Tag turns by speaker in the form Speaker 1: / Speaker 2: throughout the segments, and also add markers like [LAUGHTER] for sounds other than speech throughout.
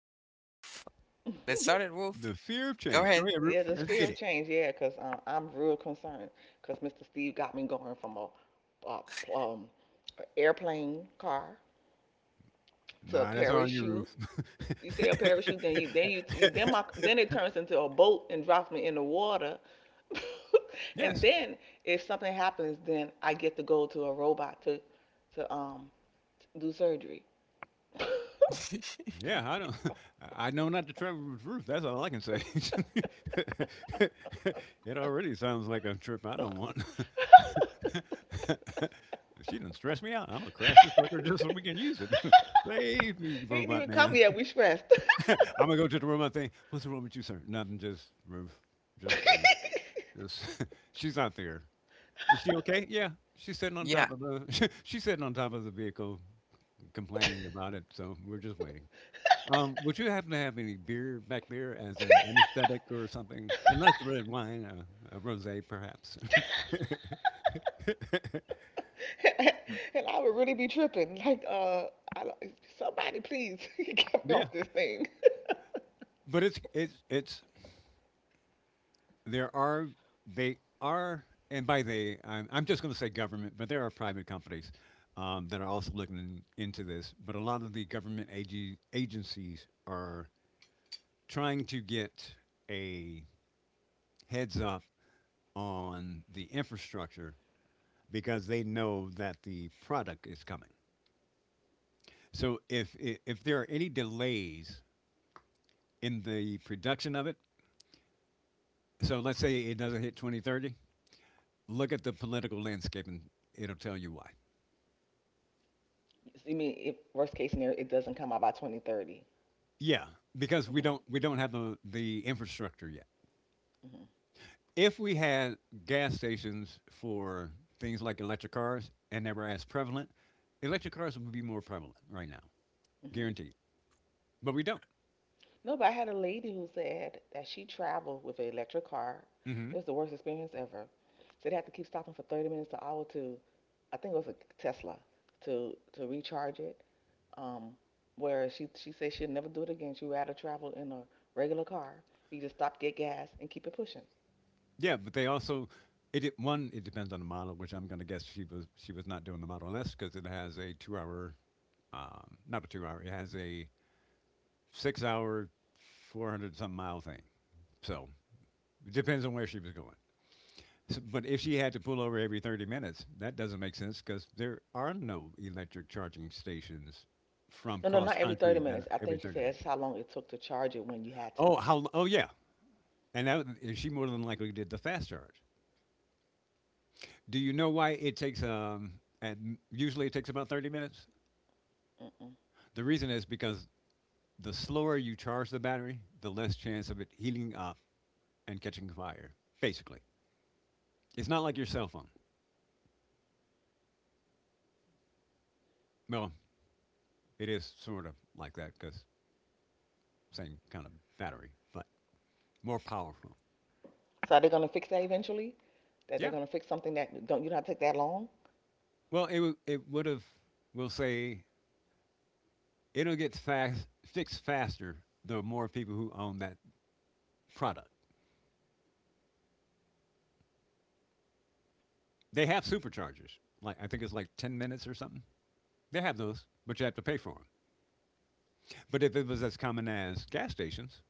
Speaker 1: let's go, Wolf. Let's start
Speaker 2: [LAUGHS]
Speaker 1: it, Wolf.
Speaker 3: The fear of
Speaker 1: Go
Speaker 3: change. Go
Speaker 1: ahead.
Speaker 3: ahead,
Speaker 2: Yeah,
Speaker 3: Roof.
Speaker 2: the
Speaker 3: Let's
Speaker 2: fear
Speaker 3: get
Speaker 2: of
Speaker 3: it.
Speaker 2: change. Yeah, cause I'm real concerned. Cause Mr. Steve got me going from a um a airplane car to a
Speaker 3: Nah, that's all you,
Speaker 2: parachute.
Speaker 3: Roof.
Speaker 2: You say a parachute, then you then my
Speaker 3: [LAUGHS]
Speaker 2: then it turns into a boat and drops me in the water. [LAUGHS] And
Speaker 3: yes.
Speaker 2: then if something happens, then I get to go to a robot to do surgery.
Speaker 1: [LAUGHS]
Speaker 3: Yeah, I don't. [LAUGHS] I know not to travel with Roof. That's all I can say. [LAUGHS] It already sounds like a trip I don't want. [LAUGHS] She done stress me out. I'm gonna crash this sucker just so we can use it. [LAUGHS] Save me,
Speaker 2: [LAUGHS] He ain't
Speaker 3: robot
Speaker 2: even come
Speaker 3: man.
Speaker 2: yet. We stressed.
Speaker 3: [LAUGHS] I'm gonna go to the robot thing. What's the wrong with you, sir? Nothing. Just Roof. Just Roof.
Speaker 2: [LAUGHS]
Speaker 3: Just. [LAUGHS] She's not there. Is she okay? Yeah, she's sitting on
Speaker 1: Yeah.
Speaker 3: top of the [LAUGHS] she's sitting on top of the vehicle
Speaker 2: And
Speaker 3: complaining about it, so we're just waiting. Would you happen to have any beer back there as an anesthetic or something? Unless red wine, a rosé perhaps. [LAUGHS]
Speaker 2: I would really be tripping. I don't, somebody please [LAUGHS] get me
Speaker 3: Yeah,
Speaker 2: off this thing.
Speaker 3: but it's there are they are, and by they I'm just going to say government, but there are private companies that are also looking into this. But a lot of the government agencies are trying to get a heads up on the infrastructure because they know that the product is coming. So if there are any delays in the production of it, so let's say it doesn't hit 2030, look at the political landscape and it'll tell you why.
Speaker 2: I mean, if worst case scenario, it doesn't come out by 2030.
Speaker 3: Yeah, because we don't
Speaker 2: hmm
Speaker 3: we don't have the infrastructure yet.
Speaker 2: hmm
Speaker 3: If we had gas stations for things like electric cars and they were as prevalent, electric cars would be more prevalent right now,
Speaker 2: hmm
Speaker 3: guaranteed. But we don't.
Speaker 2: No, but I had a lady who said that she traveled with an electric car.
Speaker 3: hmm
Speaker 2: It was the worst experience ever. So they had to keep stopping for 30 minutes to hour to, I think it was a Tesla, to recharge it. Um, whereas she says she'll never do it again. She'd rather travel in a regular car. You just stop, get gas, and keep it pushing.
Speaker 3: Yeah, but they also it one it depends on the model, which I'm going to guess she was not doing the Model S because it has a 2 hour, not a 2 hour, it has a 6 hour, 400 some mile thing. So it depends on where she was going. So, but if she had to pull over every 30 minutes, that doesn't make sense because there are no electric charging stations from
Speaker 2: No, no,
Speaker 3: cross
Speaker 2: not every 30
Speaker 3: country that are
Speaker 2: minutes. I
Speaker 3: every
Speaker 2: think she
Speaker 3: 30
Speaker 2: said
Speaker 3: minutes.
Speaker 2: that's how long it took to charge it when you had
Speaker 3: Oh,
Speaker 2: to.
Speaker 3: how? Oh, yeah. And that, and she more than likely did the fast charge. Do you know why it takes and usually it takes about 30 minutes?
Speaker 2: Mm-mm.
Speaker 3: The reason is because the slower you charge the battery, the less chance of it heating up and catching fire. Basically, it's not like your cell phone. Well, it is sort of like that because same kind of battery, but more powerful.
Speaker 2: So are they gonna fix that eventually? That they're
Speaker 3: Yeah.
Speaker 2: gonna fix something that don't have to take that long?
Speaker 3: Well, it it would have. We'll say it'll get fast fixed faster the more people who own that product. They have superchargers. Like I think it's like 10 minutes or something. They have those, but you have to pay for them. But if it was as common as gas stations,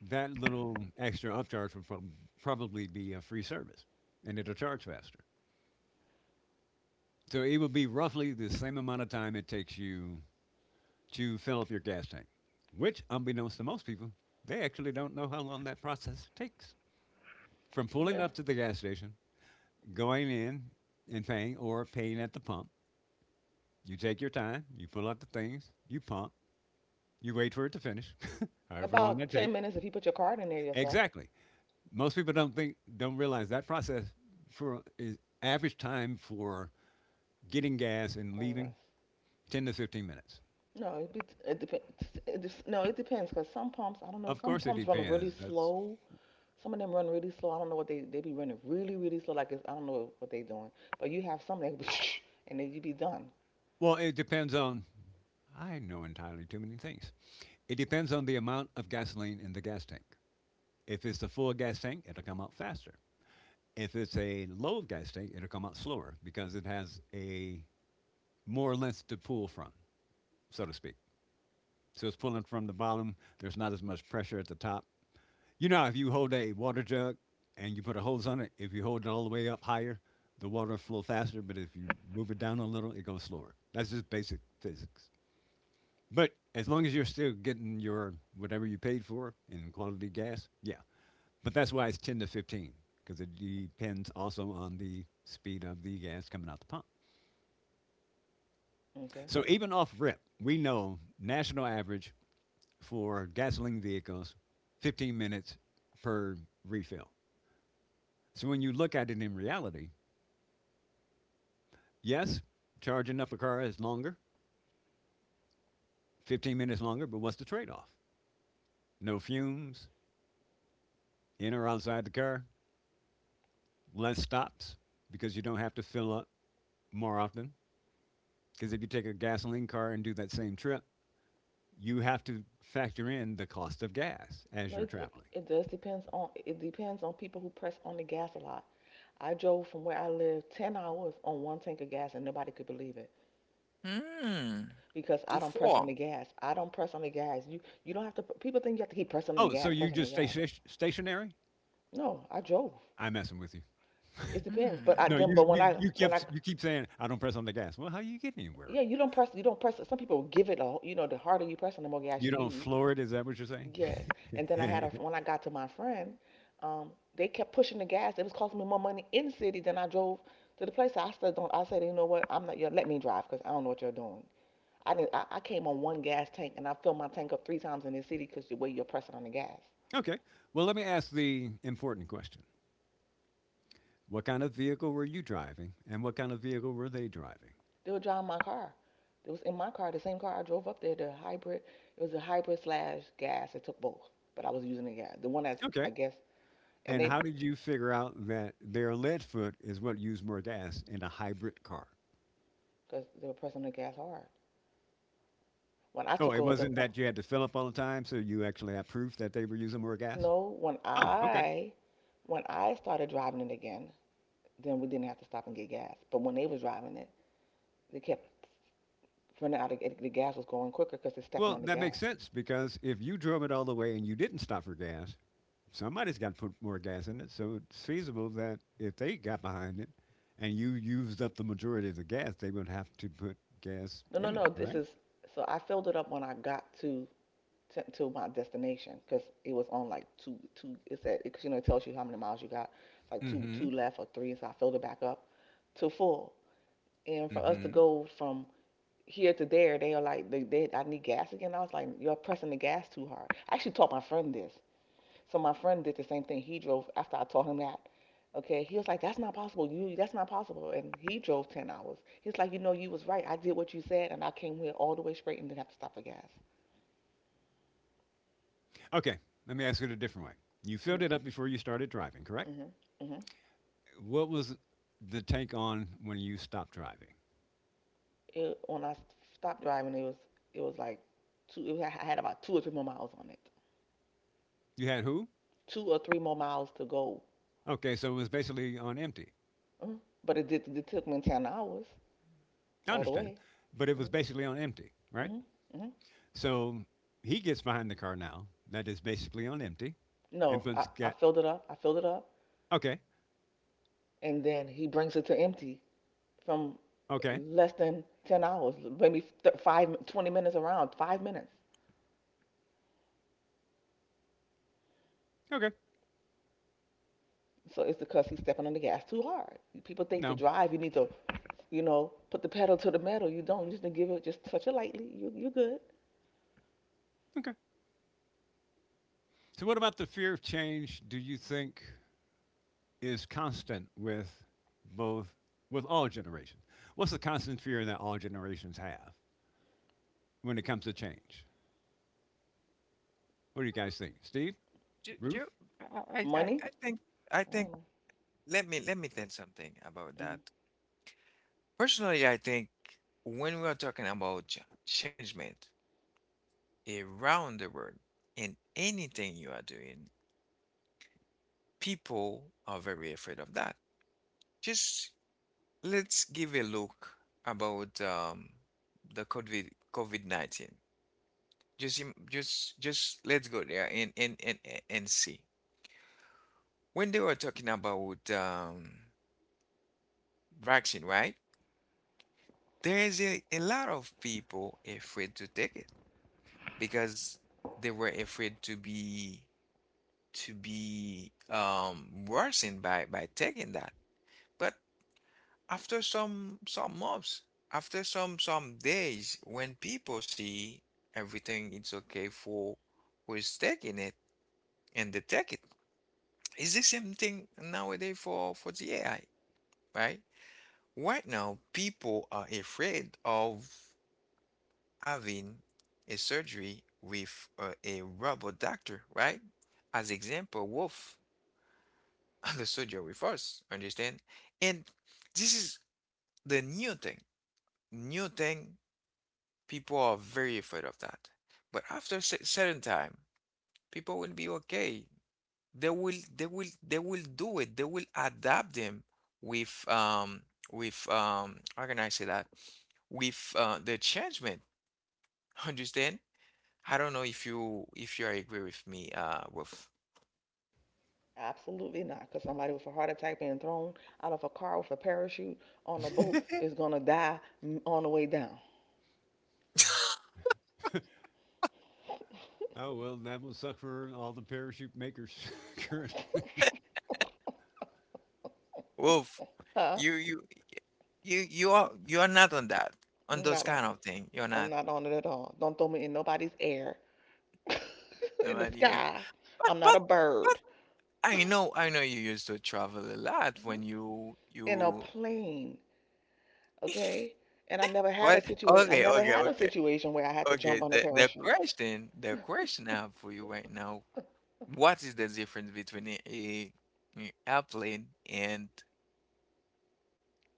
Speaker 3: that little extra upcharge would probably be a free service and it'll charge faster. So it would be roughly the same amount of time it takes you to fill up your gas tank, which, unbeknownst to most people, they actually don't know how long that process takes. From pulling
Speaker 2: They're
Speaker 3: up to the gas station, going in and paying or paying at the pump, you take your time, you pull out the things, you pump, you wait for it to finish, [LAUGHS] however long that
Speaker 2: about 10
Speaker 3: takes.
Speaker 2: minutes if you put your card in there yourself
Speaker 3: Exactly. Most people don't realize that process for is average time for getting gas and
Speaker 2: or
Speaker 3: leaving
Speaker 2: less.
Speaker 3: 10 to 15 minutes.
Speaker 2: No, it, be, it depends. It, no, it depends because some pumps, I don't know,
Speaker 3: Of
Speaker 2: some
Speaker 3: course it
Speaker 2: pumps run really
Speaker 3: depends. That's
Speaker 2: slow. Some of them run really slow. I don't know what they be running really really slow. Like it's, I don't know what they doing. But you have some that [LAUGHS] and then you be done.
Speaker 3: well, it depends on, I know entirely too many things. It depends on the amount of gasoline in the gas tank. If it's a full gas tank, it'll come out faster. If it's a low gas tank, it'll come out slower because it has a more length to pull from, so to speak. So it's pulling from the bottom. There's not as much pressure at the top. You know, if you hold a water jug and you put a hose on it, if you hold it all the way up higher, the water will flow faster, but if you move it down a little, it goes slower. That's just basic physics. But as long as you're still getting your whatever you paid for in quality gas, yeah. But that's why it's 10 to 15, because it depends also on the speed of the gas coming out the pump.
Speaker 2: Okay.
Speaker 3: So even off rip, we know national average for gasoline vehicles 15 minutes per refill. So when you look at it in reality, yes, charging up a car is longer, 15 minutes longer, but what's the trade off? No fumes, in or outside the car, less stops because you don't have to fill up more often. Because if you take a gasoline car and do that same trip, you have to factor in the cost of gas as
Speaker 2: No,
Speaker 3: you're
Speaker 2: it, it
Speaker 3: traveling.
Speaker 2: it does depends on people who press on the gas a lot. I drove from where I live 10 hours on one tank of gas and nobody could believe it
Speaker 1: Hmm.
Speaker 2: because
Speaker 1: To
Speaker 2: I don't press on
Speaker 1: four.
Speaker 2: the gas. I don't press on the gas. You don't have to. People think you have to keep pressing on the
Speaker 3: Oh, so
Speaker 2: gas,
Speaker 3: you
Speaker 2: pressing on the
Speaker 3: just stay
Speaker 2: gas.
Speaker 3: stationary?
Speaker 2: No, I drove.
Speaker 3: I'm messing with you. [LAUGHS]
Speaker 2: It depends. But I
Speaker 3: No,
Speaker 2: then
Speaker 1: Hmm.
Speaker 3: you
Speaker 2: but
Speaker 3: you you
Speaker 2: when I
Speaker 3: kept you keep saying I don't press on the gas. Well, how you get anywhere?
Speaker 2: yeah, you don't press. You don't press. Some people give it a. You know, the harder you press, on, the more gas
Speaker 3: You
Speaker 2: you
Speaker 3: don't
Speaker 2: use.
Speaker 3: floor it? Is that what you're saying?
Speaker 2: Yes. And then I had a
Speaker 3: [LAUGHS]
Speaker 2: when I got to my friend, they kept pushing the gas. It was costing me more money in the city than I drove to the place. I still don't. I said, you know what? I'm not. You let me drive because I don't know what you're doing. I didn't. I came on one gas tank and I filled my tank up three times in the city because the way you're pressing on the gas.
Speaker 3: Okay. Well, let me ask the important question. What kind of vehicle were you driving and what kind of vehicle were they driving?
Speaker 2: They were driving my car. It was in my car, the same car I drove up there. The hybrid. It was a hybrid slash gas. It took both, but I was using the gas, the one that's
Speaker 3: Okay.
Speaker 2: I guess. And
Speaker 3: And
Speaker 2: they
Speaker 3: how did you figure out that their lead foot is what used more gas in a hybrid car?
Speaker 2: because they were pressing the gas hard. When I
Speaker 3: Oh,
Speaker 2: took
Speaker 3: it
Speaker 2: over the
Speaker 3: wasn't
Speaker 2: one,
Speaker 3: that you had to fill up all the time, so you actually have proof that they were using more gas?
Speaker 2: No, when
Speaker 3: Oh, okay.
Speaker 2: I when I started driving it again, then we didn't have to stop and get gas. But when they was driving it, they kept running out of it. The gas was going quicker because they're stepping
Speaker 3: Well,
Speaker 2: on the
Speaker 3: that makes
Speaker 2: gas.
Speaker 3: sense because if you drove it all the way and you didn't stop for gas, somebody's got to put more gas in it. So it's feasible that if they got behind it and you used up the majority of the gas, they would have to put gas
Speaker 2: No, no,
Speaker 3: in
Speaker 2: no.
Speaker 3: it,
Speaker 2: This
Speaker 3: right?
Speaker 2: is so I filled it up when I got to my destination because it was on like two two. It said because you know it tells you how many miles you got. It's like two
Speaker 3: Mm-hmm.
Speaker 2: two left or three. So I filled it back up to full. And for us to
Speaker 3: Mm-hmm.
Speaker 2: go from here to there, they are like they I need gas again. I was like, you're pressing the gas too hard. I actually taught my friend this. So my friend did the same thing. He drove after I told him that. Okay, he was like, "That's not possible. You, that's not possible." And he drove 10 hours. He's like, "You know, you was right. I did what you said, and I came here all the way straight and didn't have to stop for gas."
Speaker 3: Okay, let me ask it a different way. You
Speaker 2: Mm-hmm.
Speaker 3: filled it up before you started driving, correct?
Speaker 2: Mm-hmm.
Speaker 3: What was the tank on when you stopped driving?
Speaker 2: When I stopped driving, it was like two. It, I had about two or three more miles on it.
Speaker 3: You had who?
Speaker 2: Two or three more miles to go.
Speaker 3: Okay, so it was basically on empty.
Speaker 2: hmm But it did. It took me 10 hours
Speaker 3: I
Speaker 2: all the
Speaker 3: understand,
Speaker 2: way.
Speaker 3: but it was
Speaker 2: Mm-hmm.
Speaker 3: basically on empty, right?
Speaker 2: Mm-hmm.
Speaker 3: So he gets behind the car now that is basically on empty and
Speaker 2: No, I,
Speaker 3: puts
Speaker 2: I
Speaker 3: gas.
Speaker 2: filled it up. I filled it up,
Speaker 3: Okay,
Speaker 2: and then he brings it to empty. From
Speaker 3: okay.
Speaker 2: less than 10 hours, maybe five, 20 minutes around, 5 minutes.
Speaker 3: Okay.
Speaker 2: So it's because he's stepping on the gas too hard. People think to
Speaker 3: No.
Speaker 2: drive, you need to, you know, put the pedal to the metal. You don't. You just need to give it, just touch it lightly. You're good.
Speaker 3: Okay. So, what about the fear of change? Do you think is constant with both with all generations? What's the constant fear that all generations have when it comes to change? What do you guys think, Steve?
Speaker 1: Do,
Speaker 3: Ruth?
Speaker 1: do, I, I,
Speaker 2: Money?
Speaker 1: I think, I
Speaker 2: I
Speaker 1: think.
Speaker 2: don't know.
Speaker 1: Let me think something about
Speaker 2: Mm.
Speaker 1: that. Personally, I think when we are talking about changement around the world in anything you are doing, people are very afraid of that. Just let's give a look about the COVID-19. Just im- just let's go there and see. When they were talking about vaccine, right? There is a lot of people afraid to take it because they were afraid to be worsened by taking that. But after some months, after some days, when people see everything it's okay for who is taking it and detect it, it's the same thing nowadays for the AI, right? Right now, people are afraid of having a surgery with a robot doctor, right? As example, Wolf, [LAUGHS] the surgery with us, understand? And this is the new thing, new thing. People are very afraid of that. But after a certain time, people will be okay. They will they will do it. They will adapt them with um with how can I say that? With the changement. [LAUGHS] Understand? I don't know if you agree with me, Wolf.
Speaker 2: Absolutely not. Because somebody with a heart attack being thrown out of a car with a parachute on a boat is going to die, on the way down.
Speaker 3: Oh well, that will suck for all the parachute makers. [LAUGHS] current-
Speaker 2: [LAUGHS]
Speaker 1: Wolf,
Speaker 2: Huh?
Speaker 1: you you you are not on that on those
Speaker 2: Not on.
Speaker 1: kind of thing. You're
Speaker 2: I'm
Speaker 1: not
Speaker 2: not on it at all. Don't throw me in nobody's air [LAUGHS] in the
Speaker 1: nobody, yeah.
Speaker 2: sky.
Speaker 1: But
Speaker 2: I'm not
Speaker 1: but
Speaker 2: a bird. [LAUGHS]
Speaker 1: I know you used to travel a lot when
Speaker 2: In a
Speaker 1: you
Speaker 2: plane, okay? And I never had a
Speaker 1: what?
Speaker 2: situation. I
Speaker 1: Okay,
Speaker 2: never
Speaker 1: okay,
Speaker 2: had a
Speaker 1: okay,
Speaker 2: situation where I had to jump
Speaker 1: okay.
Speaker 2: on a
Speaker 1: The the
Speaker 2: parachute.
Speaker 1: question, the question I have for you right now, what is the difference between a airplane and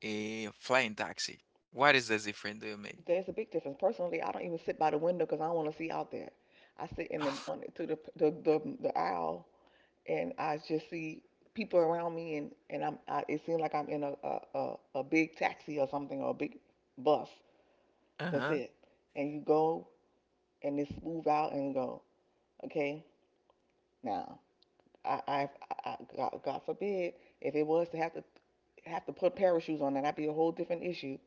Speaker 1: a flying taxi? What is the difference do you make?
Speaker 2: There's a big difference. Personally, I don't even sit by the window because I don't want to see out there. I sit in the
Speaker 1: [LAUGHS]
Speaker 2: on the, to the the aisle and I just see people around me and it seems like I'm in a big taxi or something or a big bus. That's
Speaker 1: Uh-huh.
Speaker 2: it. And you go and it's move out and go. Okay, now I, I, I, God, God forbid, if it was to have to have to put parachutes on, that'd be a whole different issue.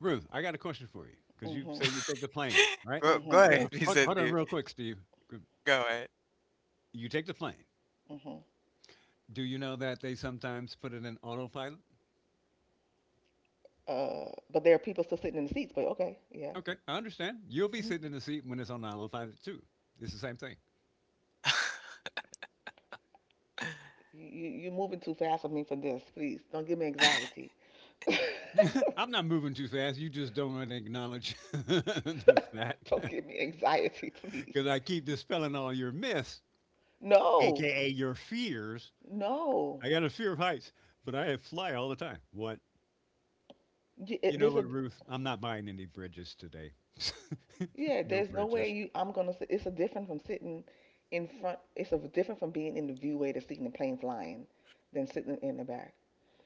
Speaker 3: Ruth, I got a question for you because you
Speaker 2: hmm
Speaker 3: say you take the plane,
Speaker 1: [LAUGHS]
Speaker 3: right?
Speaker 1: Go
Speaker 2: hmm
Speaker 3: Here,
Speaker 1: ahead, [LAUGHS]
Speaker 3: hold,
Speaker 1: Mr.
Speaker 3: hold on,
Speaker 1: Steve.
Speaker 3: real quick, Steve.
Speaker 1: Go ahead.
Speaker 3: You take the plane.
Speaker 2: hmm
Speaker 3: Do you know that they sometimes put it in autopilot?
Speaker 2: Uh, but there are people still sitting in the seats. But okay, yeah.
Speaker 3: Okay, I understand. You'll be sitting
Speaker 2: hmm
Speaker 3: in the seat when it's on Isle of too. It's the same thing.
Speaker 2: you're moving too fast for me for this. Please don't give me anxiety.
Speaker 3: [LAUGHS] I'm not moving too fast. You just don't want to acknowledge [LAUGHS] the
Speaker 2: [LAUGHS]
Speaker 3: fact
Speaker 2: Don't
Speaker 3: [LAUGHS]
Speaker 2: give me anxiety, please.
Speaker 3: because I keep dispelling all your myths,
Speaker 2: No,
Speaker 3: aka your fears.
Speaker 2: no.
Speaker 3: I got a fear of heights, but I fly all the time. What? You know
Speaker 2: There's
Speaker 3: what,
Speaker 2: a
Speaker 3: Ruth? I'm not buying any bridges today. [LAUGHS]
Speaker 2: yeah,
Speaker 3: No
Speaker 2: there's no way
Speaker 3: bridges.
Speaker 2: you. I'm gonna. It's a different from sitting in front. It's a different from being in the viewway to seeing the plane flying, than sitting in the back.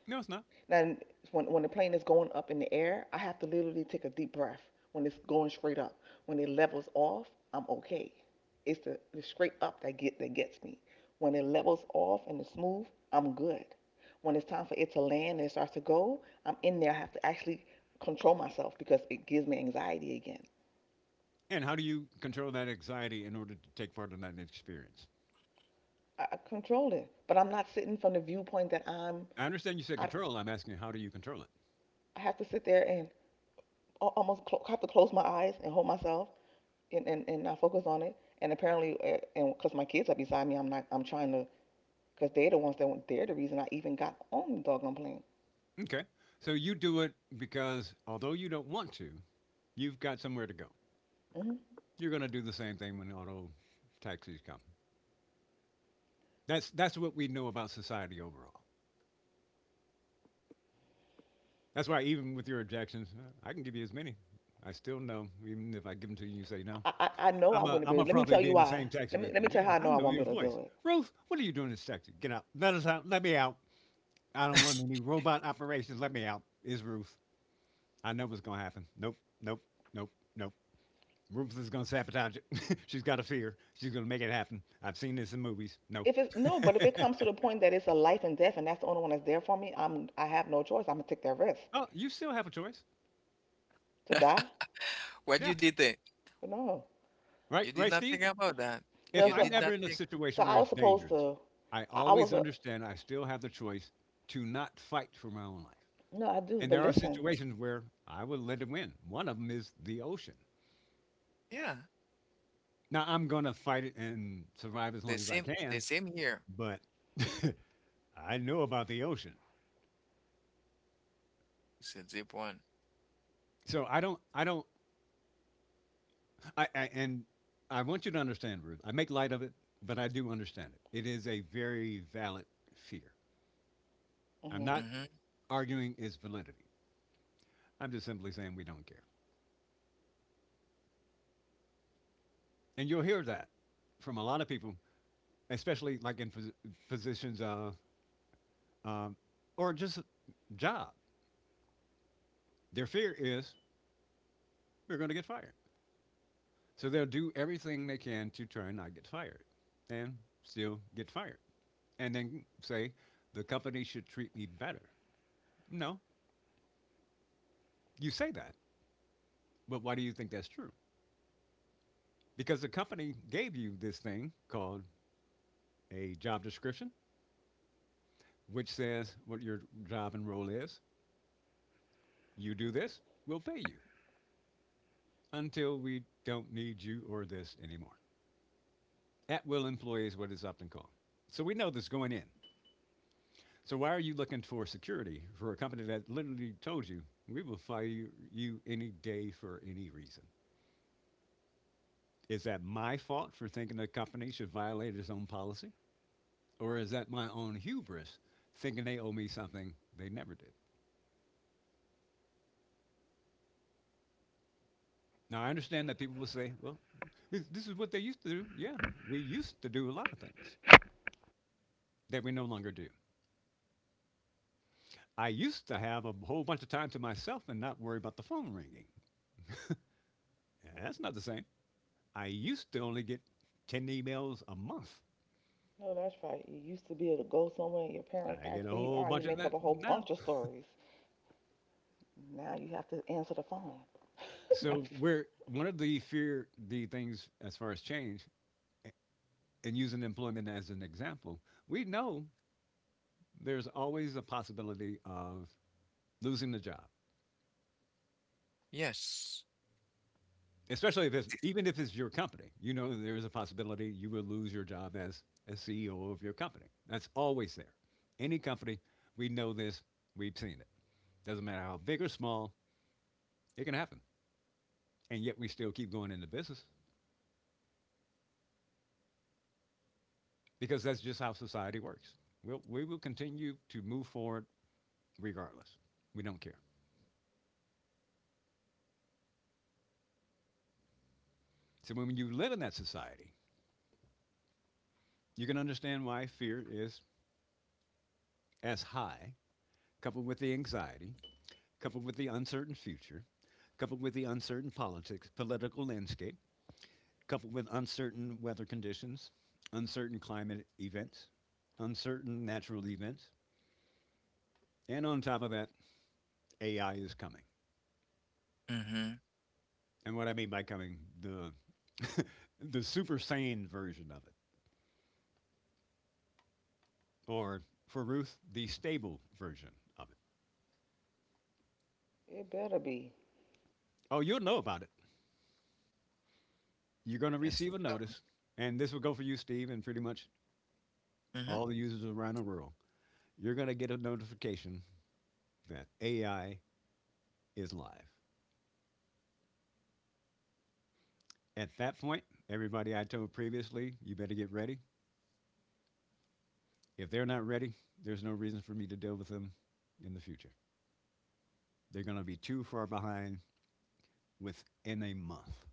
Speaker 3: No, it's not.
Speaker 2: Now, when the plane is going up in the air, I have to literally take a deep breath. When it's going straight up, when it levels off, I'm okay. It's the straight up that gets me. When it levels off and it's smooth, I'm good. When it's time for it to land and it starts to go, I'm in there. I have to actually control myself because it gives me anxiety again.
Speaker 3: And how do you control that anxiety in order to take part in that experience?
Speaker 2: I control it, but I'm not sitting from the viewpoint that I'm.
Speaker 3: I understand you said
Speaker 2: I
Speaker 3: control. I'm asking how do you control.
Speaker 2: I have to sit there and almost have to close my eyes and hold myself and not focus on it. And apparently, and because my kids are beside me, I'm not. I'm trying to because they're the ones that they're the reason I even got on the doggone plane.
Speaker 3: Okay. So you do it because although you don't want to, you've got somewhere to go.
Speaker 2: hmm
Speaker 3: You're going to do the same thing when auto taxis come. That's what we know about society overall. That's why even with your objections, I can give you as many. I still know, even if I give them to you, you say no.
Speaker 2: I I know I wouldn't be.
Speaker 3: I'm gonna
Speaker 2: Let me
Speaker 3: probably
Speaker 2: tell
Speaker 3: be
Speaker 2: you
Speaker 3: in the
Speaker 2: why.
Speaker 3: same taxi
Speaker 2: Let me
Speaker 3: with
Speaker 2: let me
Speaker 3: you. You're
Speaker 2: tell you how I
Speaker 3: like, I
Speaker 2: know I
Speaker 3: know
Speaker 2: won't be
Speaker 3: your
Speaker 2: able to do
Speaker 3: voice,
Speaker 2: it.
Speaker 3: Ruth. What are you doing in this taxi? Get out. Let us out. Let me out. I don't want any robot operations. Let me out. Is Ruth? I know what's gonna happen. Nope. Nope. Nope. Nope. Rufus is going to sabotage it. [LAUGHS] She's got a fear. She's going to make it happen. I've seen this in movies. No.
Speaker 2: If it's
Speaker 3: [LAUGHS]
Speaker 2: no, but if it comes to the point that it's a life and death, and that's the only one that's there for me, I have no choice. I'm gonna take that risk
Speaker 3: Oh, you still have a choice.
Speaker 2: to die.
Speaker 1: What
Speaker 3: Yeah.
Speaker 1: you did think?
Speaker 2: But no.
Speaker 3: Right,
Speaker 1: You did
Speaker 3: right,
Speaker 1: not think
Speaker 3: Steve?
Speaker 1: about that.
Speaker 3: If
Speaker 2: No,
Speaker 1: You
Speaker 2: so
Speaker 3: I'm
Speaker 1: did
Speaker 3: ever
Speaker 1: not
Speaker 3: in a
Speaker 1: think.
Speaker 2: So
Speaker 3: situation
Speaker 2: I
Speaker 3: where
Speaker 2: was
Speaker 3: it's
Speaker 2: supposed
Speaker 3: dangerous,
Speaker 2: to.
Speaker 3: I
Speaker 2: I
Speaker 3: always
Speaker 2: was a
Speaker 3: understand I still have the choice to not fight for my own life.
Speaker 2: no, I do.
Speaker 3: And
Speaker 2: But
Speaker 3: there are
Speaker 2: listen,
Speaker 3: situations where I would let it win. One of them is the ocean.
Speaker 1: Yeah,
Speaker 3: Now, I'm going to fight it and survive as long as I
Speaker 1: the
Speaker 3: can,
Speaker 1: same here.
Speaker 3: but [LAUGHS] I know about the ocean.
Speaker 1: It's a deep one.
Speaker 3: So I don't I and I want you to understand, Ruth. I make light of it, but I do understand it. It is a very valid fear. I'm
Speaker 2: hmm
Speaker 3: not
Speaker 1: Mm-hmm.
Speaker 3: arguing its validity. I'm just simply saying we don't care. And you'll hear that from a lot of people, especially like in positions um, or just job. Their fear is we're going to get fired. So they'll do everything they can to try and not get fired and still get fired. And then say, the company should treat me better. No, you say that. But why do you think that's true? Because the company gave you this thing called a job description, which says what your job and role is. You do this, we'll pay you until we don't need you or this anymore. At will employee is what it's often called. So we know this going in. So why are you looking for security for a company that literally told you we will fire you any day for any reason? Is that my fault for thinking a company should violate its own policy? Or is that my own hubris thinking they owe me something they never did? Now, I understand that people will say, well, this is what they used to do. Yeah, we used to do a lot of things that we no longer do. I used to have a whole bunch of time to myself and not worry about the phone ringing. Yeah, that's not the same. I used to only get 10 emails a month.
Speaker 2: no, that's right. You used to be able to go somewhere, and your parents
Speaker 3: I
Speaker 2: ask
Speaker 3: get a
Speaker 2: where you
Speaker 3: whole
Speaker 2: are. You
Speaker 3: bunch of
Speaker 2: make up
Speaker 3: that
Speaker 2: a whole
Speaker 3: now.
Speaker 2: bunch of stories. Now you have to answer the phone.
Speaker 3: So,
Speaker 2: [LAUGHS]
Speaker 3: we're one of the fear, the things as far as change, a- and using employment as an example, we know there's always a possibility of losing the job,
Speaker 1: Yes.
Speaker 3: especially if it's even if it's your company. You know, there is a possibility you will lose your job as a CEO of your company. That's always there. Any company, we know this, we've seen it. Doesn't matter how big or small, it can happen. And yet we still keep going into business because that's just how society works. We will continue to move forward regardless. We don't care. So when you live in that society, you can understand why fear is as high, coupled with the anxiety, coupled with the uncertain future, coupled with the uncertain politics, political landscape, coupled with uncertain weather conditions, uncertain climate events, uncertain natural events, and on top of that, AI is coming.
Speaker 1: Mm-hmm.
Speaker 3: And what I mean by coming, the [LAUGHS] the super sane version of it, or for Ruth, the stable version of it.
Speaker 2: It better be.
Speaker 3: Oh, you'll know about it. You're going to
Speaker 1: It's
Speaker 3: receive a notice, and this will go for you, Steve, and pretty much
Speaker 1: mm-hmm,
Speaker 3: all the users around the world. You're going to get a notification that AI is live. At that point, everybody I told previously, you better get ready. If they're not ready, there's no reason for me to deal with them in the future. They're going to be too far behind within a month.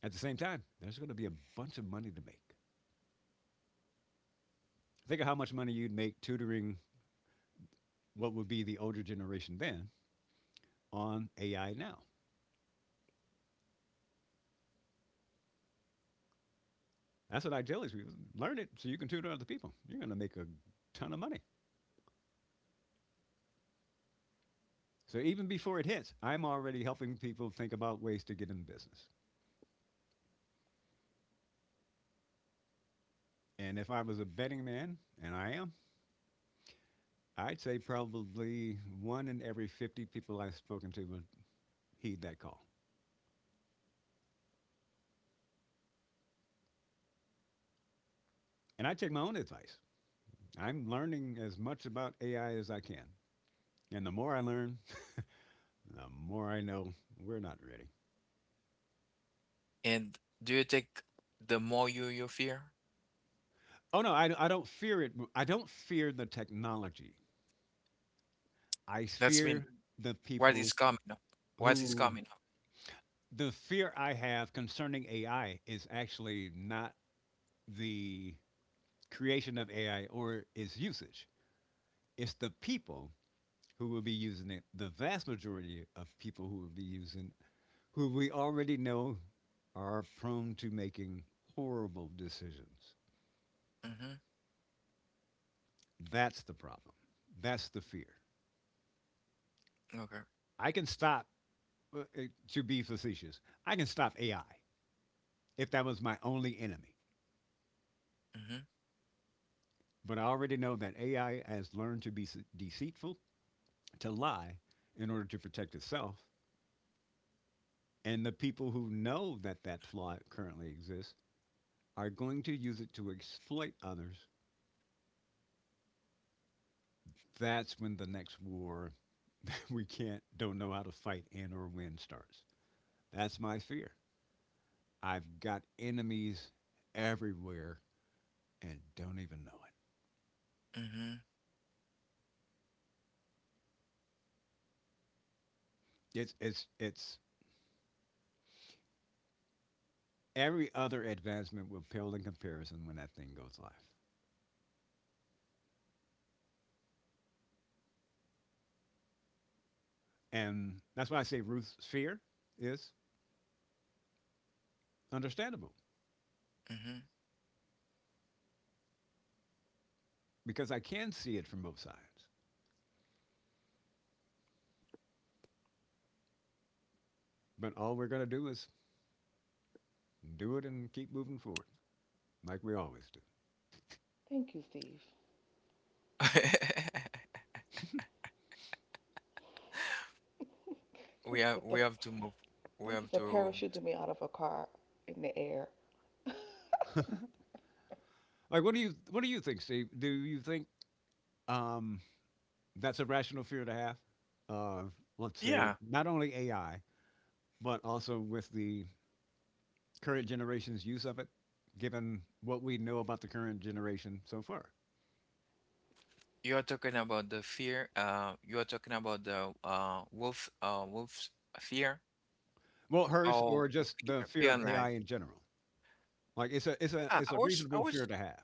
Speaker 3: At the same time, there's going to be a bunch of money to make. Think of how much money you'd make tutoring what would be the older generation then on AI now. That's what I tell these people. Learn it so you can tutor other people. You're going to make a ton of money. So even before it hits, I'm already helping people think about ways to get in business. And if I was a betting man, and I am, I'd say probably one in every 50 people I've spoken to would heed that call. And I take my own advice. I'm learning as much about AI as I can. And the more I learn, the more I know we're not ready.
Speaker 1: and do you think the more you you fear?
Speaker 3: Oh, no, I don't fear it. I don't fear the technology. I
Speaker 1: That's mean
Speaker 3: fear the
Speaker 1: what
Speaker 3: people
Speaker 1: is coming up? What is
Speaker 3: who,
Speaker 1: coming up?
Speaker 3: the fear I have concerning AI is actually not the creation of AI or its usage. It's the people who will be using it, the vast majority of people who will be using who we already know are prone to making horrible decisions.
Speaker 1: Mm-hmm.
Speaker 3: That's the problem. That's the fear.
Speaker 1: Okay.
Speaker 3: I can stop, uh, uh, to be facetious, I can stop AI if that was my only enemy.
Speaker 1: Mm-hmm.
Speaker 3: But I already know that AI has learned to be deceitful, to lie, in order to protect itself. And the people who know that that flaw currently exists are going to use it to exploit others, that's when the next war [LAUGHS] we can't don't know how to fight in or win starts. That's my fear. I've got enemies everywhere and don't even know it.
Speaker 1: Mm-hmm.
Speaker 3: It's every other advancement will pale in comparison when that thing goes live. And that's why I say Ruth's fear is understandable
Speaker 1: Mm-hmm.
Speaker 3: because I can see it from both sides. But all we're going to do is do it and keep moving forward like we always do.
Speaker 2: Thank you, Steve.
Speaker 1: [LAUGHS] We
Speaker 2: Thank you
Speaker 1: have
Speaker 2: for
Speaker 1: we
Speaker 2: th-
Speaker 1: have to move. We
Speaker 2: thank
Speaker 1: have
Speaker 2: you for
Speaker 1: to.
Speaker 2: parachuting me out of a car in the air.
Speaker 3: Like, what do you think, Steve? Do you think um, that's a rational fear to have? Uh, let's say
Speaker 1: Yeah,
Speaker 3: not only AI, but also with the current generation's use of it, given what we know about the current generation so far.
Speaker 1: you are talking about the fear. You are talking about the wolf. Wolf's fear.
Speaker 3: Well, hers
Speaker 1: Oh,
Speaker 3: or just the
Speaker 1: fear,
Speaker 3: fear
Speaker 1: fear
Speaker 3: of
Speaker 1: and life.
Speaker 3: AI in general. Like, it's a it's a
Speaker 1: Yeah,
Speaker 3: it's
Speaker 1: I
Speaker 3: a
Speaker 1: was. I
Speaker 3: reasonable fear
Speaker 1: was.
Speaker 3: to have.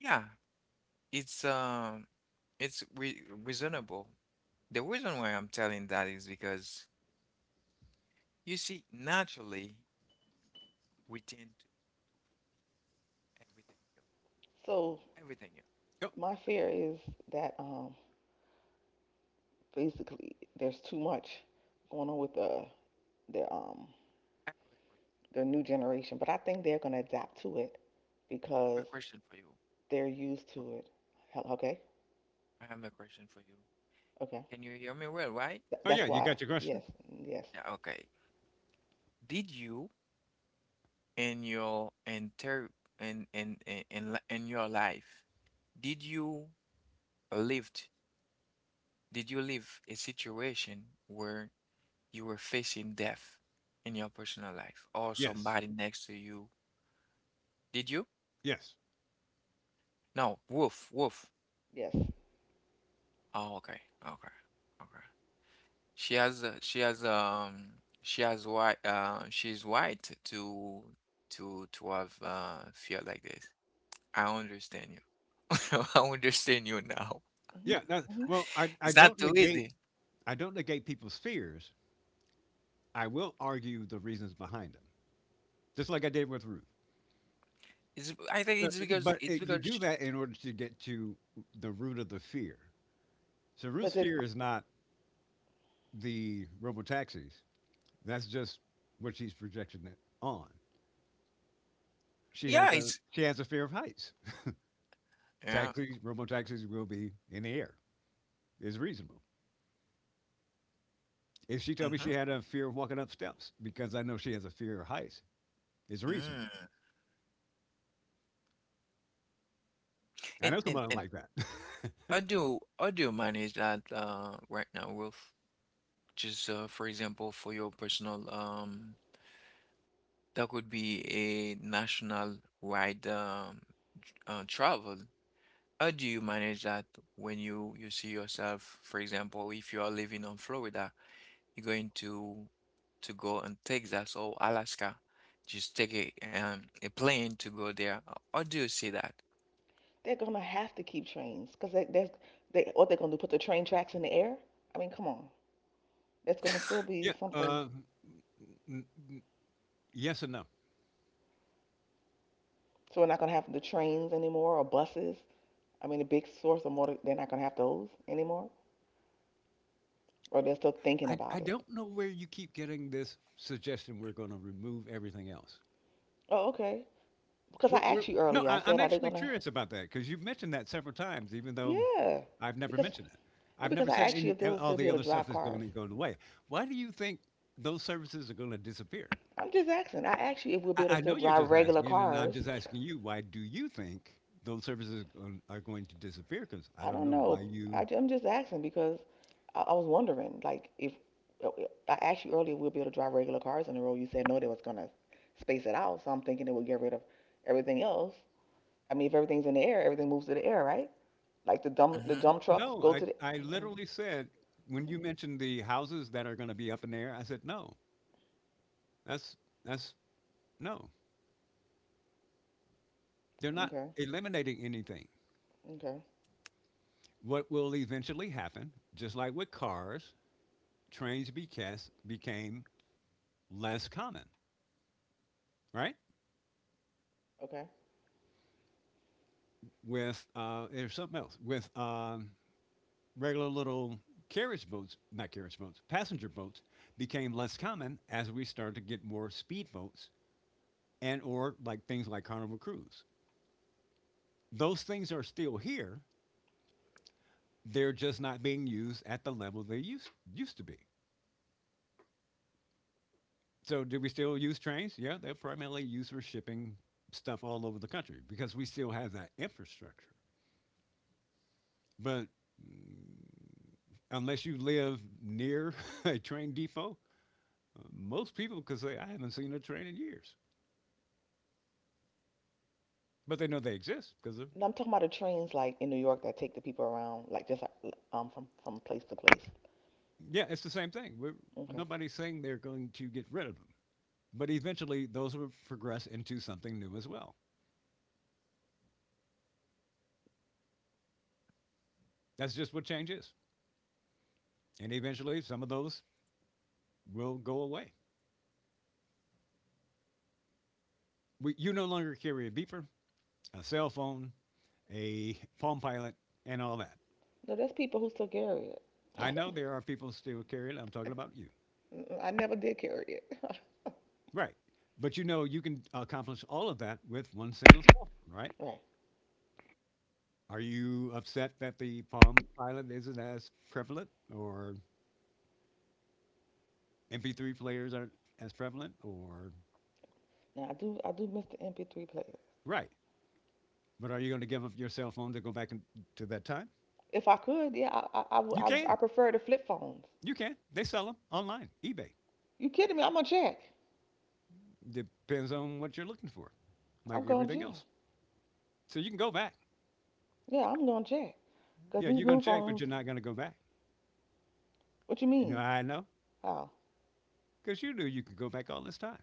Speaker 1: Yeah, it's um, it's re reasonable. The reason why I'm telling that is because you see, naturally, we tend to everything new,
Speaker 2: So
Speaker 1: everything new.
Speaker 3: Oh,
Speaker 2: my fear is that basically there's too much going on with the the um
Speaker 1: I have a, que-
Speaker 2: the new generation, but I think they're gonna adapt to it
Speaker 1: I have
Speaker 2: because
Speaker 1: a question for you.
Speaker 2: they're used
Speaker 1: Well,
Speaker 2: to it. Okay,
Speaker 1: I have a question for you.
Speaker 2: okay.
Speaker 1: Can you hear me well, right?
Speaker 3: oh
Speaker 2: That's
Speaker 3: yeah, you
Speaker 2: why.
Speaker 3: got your question.
Speaker 2: Yes, yes,
Speaker 1: Yeah, okay. Did you in your inter in your life, did you lived, did you live a situation where you were facing death in your personal life or
Speaker 3: Yes,
Speaker 1: somebody next to you? Did you?
Speaker 3: yes,
Speaker 1: No, Wolf. Wolf.
Speaker 2: yes.
Speaker 1: Oh, okay. Okay. Okay. She has she has she has white she's white to to have feel like this. I understand you. [LAUGHS] I understand you now.
Speaker 2: hmm
Speaker 3: yeah. That,
Speaker 2: hmm
Speaker 3: well, I
Speaker 1: It's not
Speaker 3: don't
Speaker 1: too
Speaker 3: negate
Speaker 1: easy.
Speaker 3: I don't negate people's fears. I will argue the reasons behind them, just like I did with Ruth.
Speaker 1: It's I think
Speaker 3: So, but
Speaker 1: it's
Speaker 3: it, you
Speaker 1: because
Speaker 3: do
Speaker 1: sh
Speaker 3: that in order to get to the root of the fear. So
Speaker 2: But
Speaker 3: Ruth's
Speaker 2: they
Speaker 3: fear is not the robotaxis. That's just what she's projecting it on. She has
Speaker 1: yeah,
Speaker 3: a
Speaker 1: it's
Speaker 3: she has a fear of heights.
Speaker 1: yeah.
Speaker 3: Taxis, robotaxis will be in the air. Is reasonable. If she told me
Speaker 1: Mm-hmm.
Speaker 3: she had a fear of walking up steps because I know she has a fear of heights, it's reasonable.
Speaker 1: Mm.
Speaker 3: I
Speaker 1: And
Speaker 3: know someone like that. [LAUGHS]
Speaker 1: how do you manage that right now Wolf. Just for example for your personal that could be a national-wide travel. How do you manage that when you see yourself, for example, if you are living on Florida, you're going to go in Texas or Alaska, just take a plane to go there. How do you see that?
Speaker 2: they're gonna have to keep trains because they there's they what they're gonna do? Put the train tracks in the air? I mean, come on. That's gonna still be
Speaker 3: Yeah.
Speaker 2: something.
Speaker 3: N- yes and no.
Speaker 2: So we're not gonna have the trains anymore or buses. I mean, a big source of motor. They're not gonna have those anymore, or they're still thinking
Speaker 3: I
Speaker 2: about it.
Speaker 3: don't know where you keep getting this suggestion we're going to remove everything else.
Speaker 2: Oh, okay. Because I
Speaker 3: We're, we're,
Speaker 2: asked you
Speaker 3: no,
Speaker 2: earlier. I
Speaker 3: I,
Speaker 2: said,
Speaker 3: I'm
Speaker 2: are they
Speaker 3: actually
Speaker 2: gonna?
Speaker 3: curious about that because you've mentioned that several times, even though
Speaker 2: Yeah.
Speaker 3: I've never
Speaker 2: Because
Speaker 3: mentioned it.
Speaker 2: No,
Speaker 3: I've
Speaker 2: because
Speaker 3: never
Speaker 2: I
Speaker 3: said
Speaker 2: asked you
Speaker 3: any,
Speaker 2: if they will
Speaker 3: all
Speaker 2: still be
Speaker 3: the
Speaker 2: able to
Speaker 3: other
Speaker 2: drive
Speaker 3: stuff is going
Speaker 2: cars.
Speaker 3: to go away. Why do you think those services are going to disappear?
Speaker 2: I'm just asking. I asked you if we'll be
Speaker 3: I,
Speaker 2: able to
Speaker 3: I
Speaker 2: still
Speaker 3: know you're
Speaker 2: drive
Speaker 3: just
Speaker 2: regular
Speaker 3: asking, and I'm
Speaker 2: cars.
Speaker 3: just asking you, why do you think those are going to disappear? Because I
Speaker 2: I
Speaker 3: don't
Speaker 2: don't
Speaker 3: know why
Speaker 2: know.
Speaker 3: you.
Speaker 2: I, am just asking because I was wondering, like, if uh, uh, I asked you earlier, if we'll be able to drive regular cars on the road. You said no, they was gonna space it out. So I'm thinking it would get rid of everything else. I mean, if everything's in the air, everything moves to the air, right? Like the dump, the
Speaker 1: Mm-hmm.
Speaker 2: dump trucks
Speaker 3: No,
Speaker 2: go
Speaker 3: I,
Speaker 2: to the.
Speaker 3: I
Speaker 2: Uh,
Speaker 3: literally said when you
Speaker 2: mm,
Speaker 3: mentioned the houses that are going to be up in the air, I said, no, that's, that's, no, they're not
Speaker 2: okay,
Speaker 3: eliminating anything.
Speaker 2: okay,
Speaker 3: What will eventually happen, just like with cars, trains became less common, right?
Speaker 2: okay.
Speaker 3: With, there's something else, with regular little carriage boats, not carriage boats, passenger boats became less common as we started to get more speedboats and or like things like Carnival Cruise. Those things are still here. They're just not being used at the level they used to be. So do we still use trains? Yeah, they're primarily used for shipping stuff all over the country because we still have that infrastructure. But mm, unless you live near [LAUGHS] a train depot, most people could say, I haven't seen a train in years. But they know they exist because of,
Speaker 2: No, I'm talking about the trains, like in New York, that take the people around, like just like, from place to place.
Speaker 3: yeah, it's the same thing.
Speaker 2: Okay.
Speaker 3: Nobody's saying they're going to get rid of them. But eventually, those will progress into something new as well. That's just what change is. And eventually, some of those will go away. We, you no longer carry a beeper, a cell phone, a palm pilot, and all that.
Speaker 2: No, there's people who's still carry it.
Speaker 3: I know there are people still carrying it. I'm talking about you.
Speaker 2: Mm-mm, I never did carry it.
Speaker 3: Right. But you know, you can accomplish all of that with one single cell phone, right?
Speaker 2: Right.
Speaker 3: Are you upset that the Palm Pilot isn't as prevalent or MP3 players aren't as prevalent or
Speaker 2: Now I do miss the MP3 player.
Speaker 3: right? But are you going to give up your cell phone to go back in, to that time?
Speaker 2: If I could, yeah, I, would-
Speaker 3: You
Speaker 2: I
Speaker 3: can.
Speaker 2: prefer the flip phones.
Speaker 3: You can. They sell them online, eBay.
Speaker 2: You kidding me? I'm gonna check.
Speaker 3: Depends on what you're looking for, like
Speaker 2: I'm gonna
Speaker 3: everything
Speaker 2: check.
Speaker 3: else. So you can go back.
Speaker 2: Yeah, I'm gonna check. Cause
Speaker 3: Yeah,
Speaker 2: these
Speaker 3: you're going
Speaker 2: new
Speaker 3: to check, but
Speaker 2: phones.
Speaker 3: you're not going to go back.
Speaker 2: What you
Speaker 3: You know how
Speaker 2: mean?
Speaker 3: I know?
Speaker 2: How?
Speaker 3: Because you knew you could go back all this time,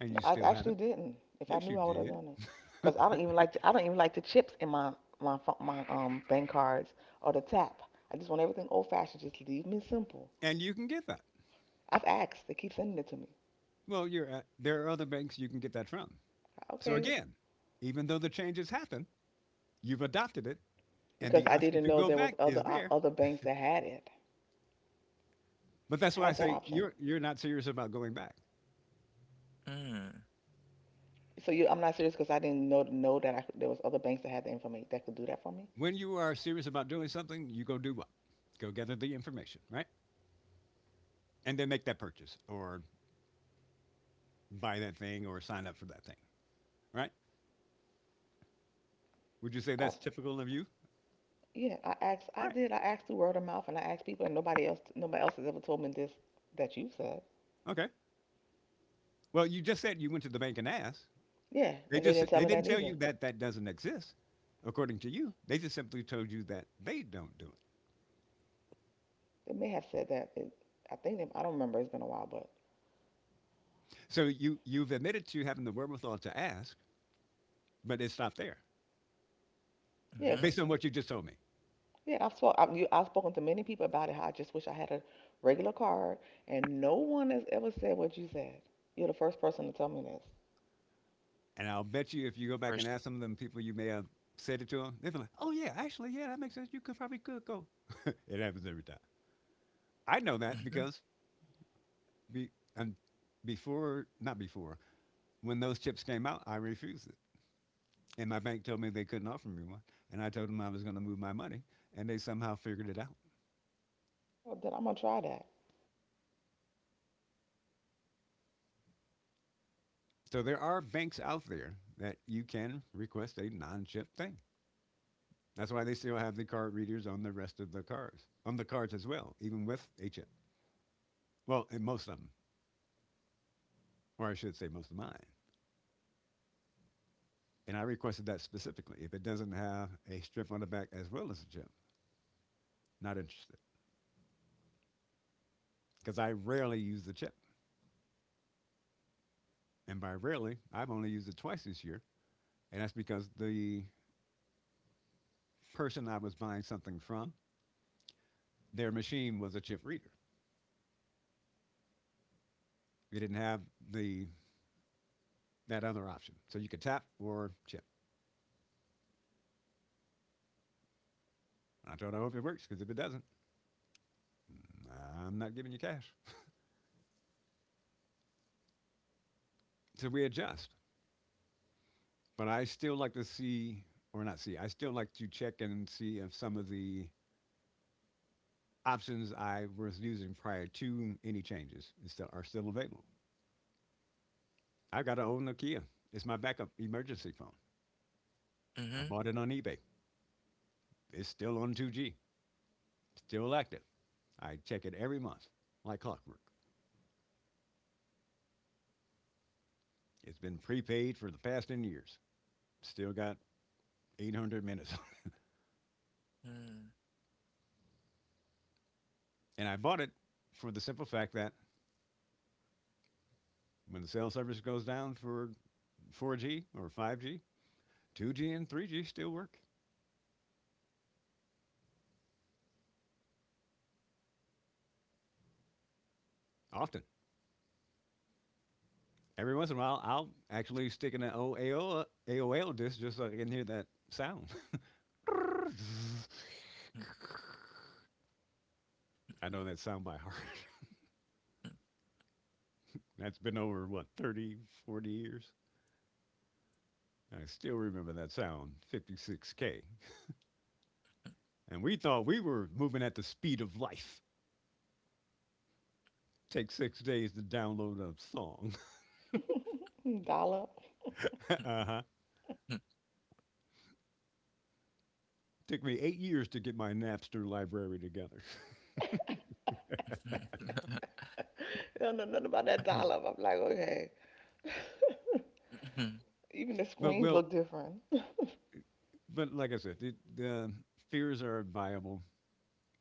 Speaker 3: and
Speaker 2: No,
Speaker 3: you
Speaker 2: I
Speaker 3: still
Speaker 2: actually
Speaker 3: haven't.
Speaker 2: didn't. If I
Speaker 3: Yes, you
Speaker 2: knew, I would have
Speaker 3: did.
Speaker 2: done it.
Speaker 3: [LAUGHS]
Speaker 2: Cause I don't even like the chips in my bank cards or the tap. I just want everything old fashioned. Just leave me simple.
Speaker 3: And you can get that.
Speaker 2: I've asked. They keep sending it to me.
Speaker 3: Well, you're at, there are other banks you can get that from. So
Speaker 2: Okay.
Speaker 3: again, even though the changes happen, you've adopted it, and
Speaker 2: Because
Speaker 3: the
Speaker 2: I
Speaker 3: option
Speaker 2: didn't
Speaker 3: to
Speaker 2: know
Speaker 3: go
Speaker 2: there was
Speaker 3: back
Speaker 2: other
Speaker 3: is
Speaker 2: uh,
Speaker 3: there.
Speaker 2: other banks that had it.
Speaker 3: But that's why I
Speaker 2: Had that
Speaker 3: say
Speaker 2: option.
Speaker 3: you're not serious about going back.
Speaker 1: Mm.
Speaker 2: So I'm not serious because I didn't know that there was other banks that had the information that could do that for me.
Speaker 3: When you are serious about doing something, you go do what? Go gather the information, right? And then make that purchase or buy that thing or sign up for that thing, right? Would you say
Speaker 2: I,
Speaker 3: that's typical of you?
Speaker 2: yeah, I asked, I
Speaker 3: Right.
Speaker 2: did, I asked through word of mouth, and I asked people, and nobody else has ever told me this that you said.
Speaker 3: Okay. Well, you just said you went to the bank and asked.
Speaker 2: Yeah,
Speaker 3: They
Speaker 2: and they
Speaker 3: just
Speaker 2: didn't tell
Speaker 3: they
Speaker 2: me
Speaker 3: didn't
Speaker 2: that
Speaker 3: tell
Speaker 2: either.
Speaker 3: you that that doesn't exist, according to you. They just simply told you that they don't do it.
Speaker 2: They may have said that. I think, I don't remember. It's been a while, but
Speaker 3: So you've admitted to having the wherewithal to ask, but it stopped there,
Speaker 2: yeah,
Speaker 1: Mm-hmm.
Speaker 3: based on what you just told me.
Speaker 2: yeah. I've spoken to many people about it. How I just wish I had a regular card, and no one has ever said what you said. You're the first person to tell me this.
Speaker 3: And I'll bet you, if you go back and
Speaker 1: First.
Speaker 3: ask some of them people, you may have said it to them. They'd be like, "Oh yeah, actually, yeah, that makes sense. You could probably could go." It happens every time. I know that
Speaker 1: Mm-hmm.
Speaker 3: because be, um, before, not before, when those chips came out, I refused it. And my bank told me they couldn't offer me one. And I told them I was going to move my money. And they somehow figured it out.
Speaker 2: Well, then I'm gonna try that.
Speaker 3: So there are banks out there that you can request a non chip thing. That's why they still have the card readers on the rest of the cards, on the cards as well, even with a chip. Well, in most of them, or I should say most of mine. And I requested that specifically. If it doesn't have a strip on the back as well as a chip, not interested. Because I rarely use the chip. And by rarely, I've only used it twice this year. And that's because the person I was buying something from their machine was a chip reader. They didn't have the that other option. So you could tap or chip. I don't know if it works because if it doesn't, I'm not giving you cash. So we adjust. But I still like to see, or not see, I still like to check and see if some of the options I was using prior to any changes is still, are still available. I've got to own Nokia. It's my backup emergency phone. I
Speaker 1: Mm-hmm.
Speaker 3: bought it on eBay. It's still on 2G, still active. I check it every month, like clockwork. It's been prepaid for the past 10 years. Still got 800 minutes.
Speaker 1: Mm. [LAUGHS]
Speaker 3: [LAUGHS] And I bought it for the simple fact that when the cell service goes down for 4G or 5G, 2G and 3G still work often. Every once in a while, I'll actually stick in an AOL disc just so I can hear that sound. [LAUGHS] I know that sound by heart. [LAUGHS] That's been over, what, 30, 40 years? I still remember that sound, 56K. And we thought we were moving at the speed of life. Takes 6 days to download a song.
Speaker 2: [LAUGHS] Dollar.
Speaker 3: [LAUGHS] uh huh. Took me 8 years to get my Napster library together.
Speaker 1: Mm-hmm.
Speaker 2: I don't know nothing about that
Speaker 1: Hmm.
Speaker 2: dollar. I'm like, okay.
Speaker 1: Mm.
Speaker 2: Even the
Speaker 3: [LAUGHS] but
Speaker 2: screens
Speaker 3: well,
Speaker 2: look different.
Speaker 3: but like I said, the fears are viable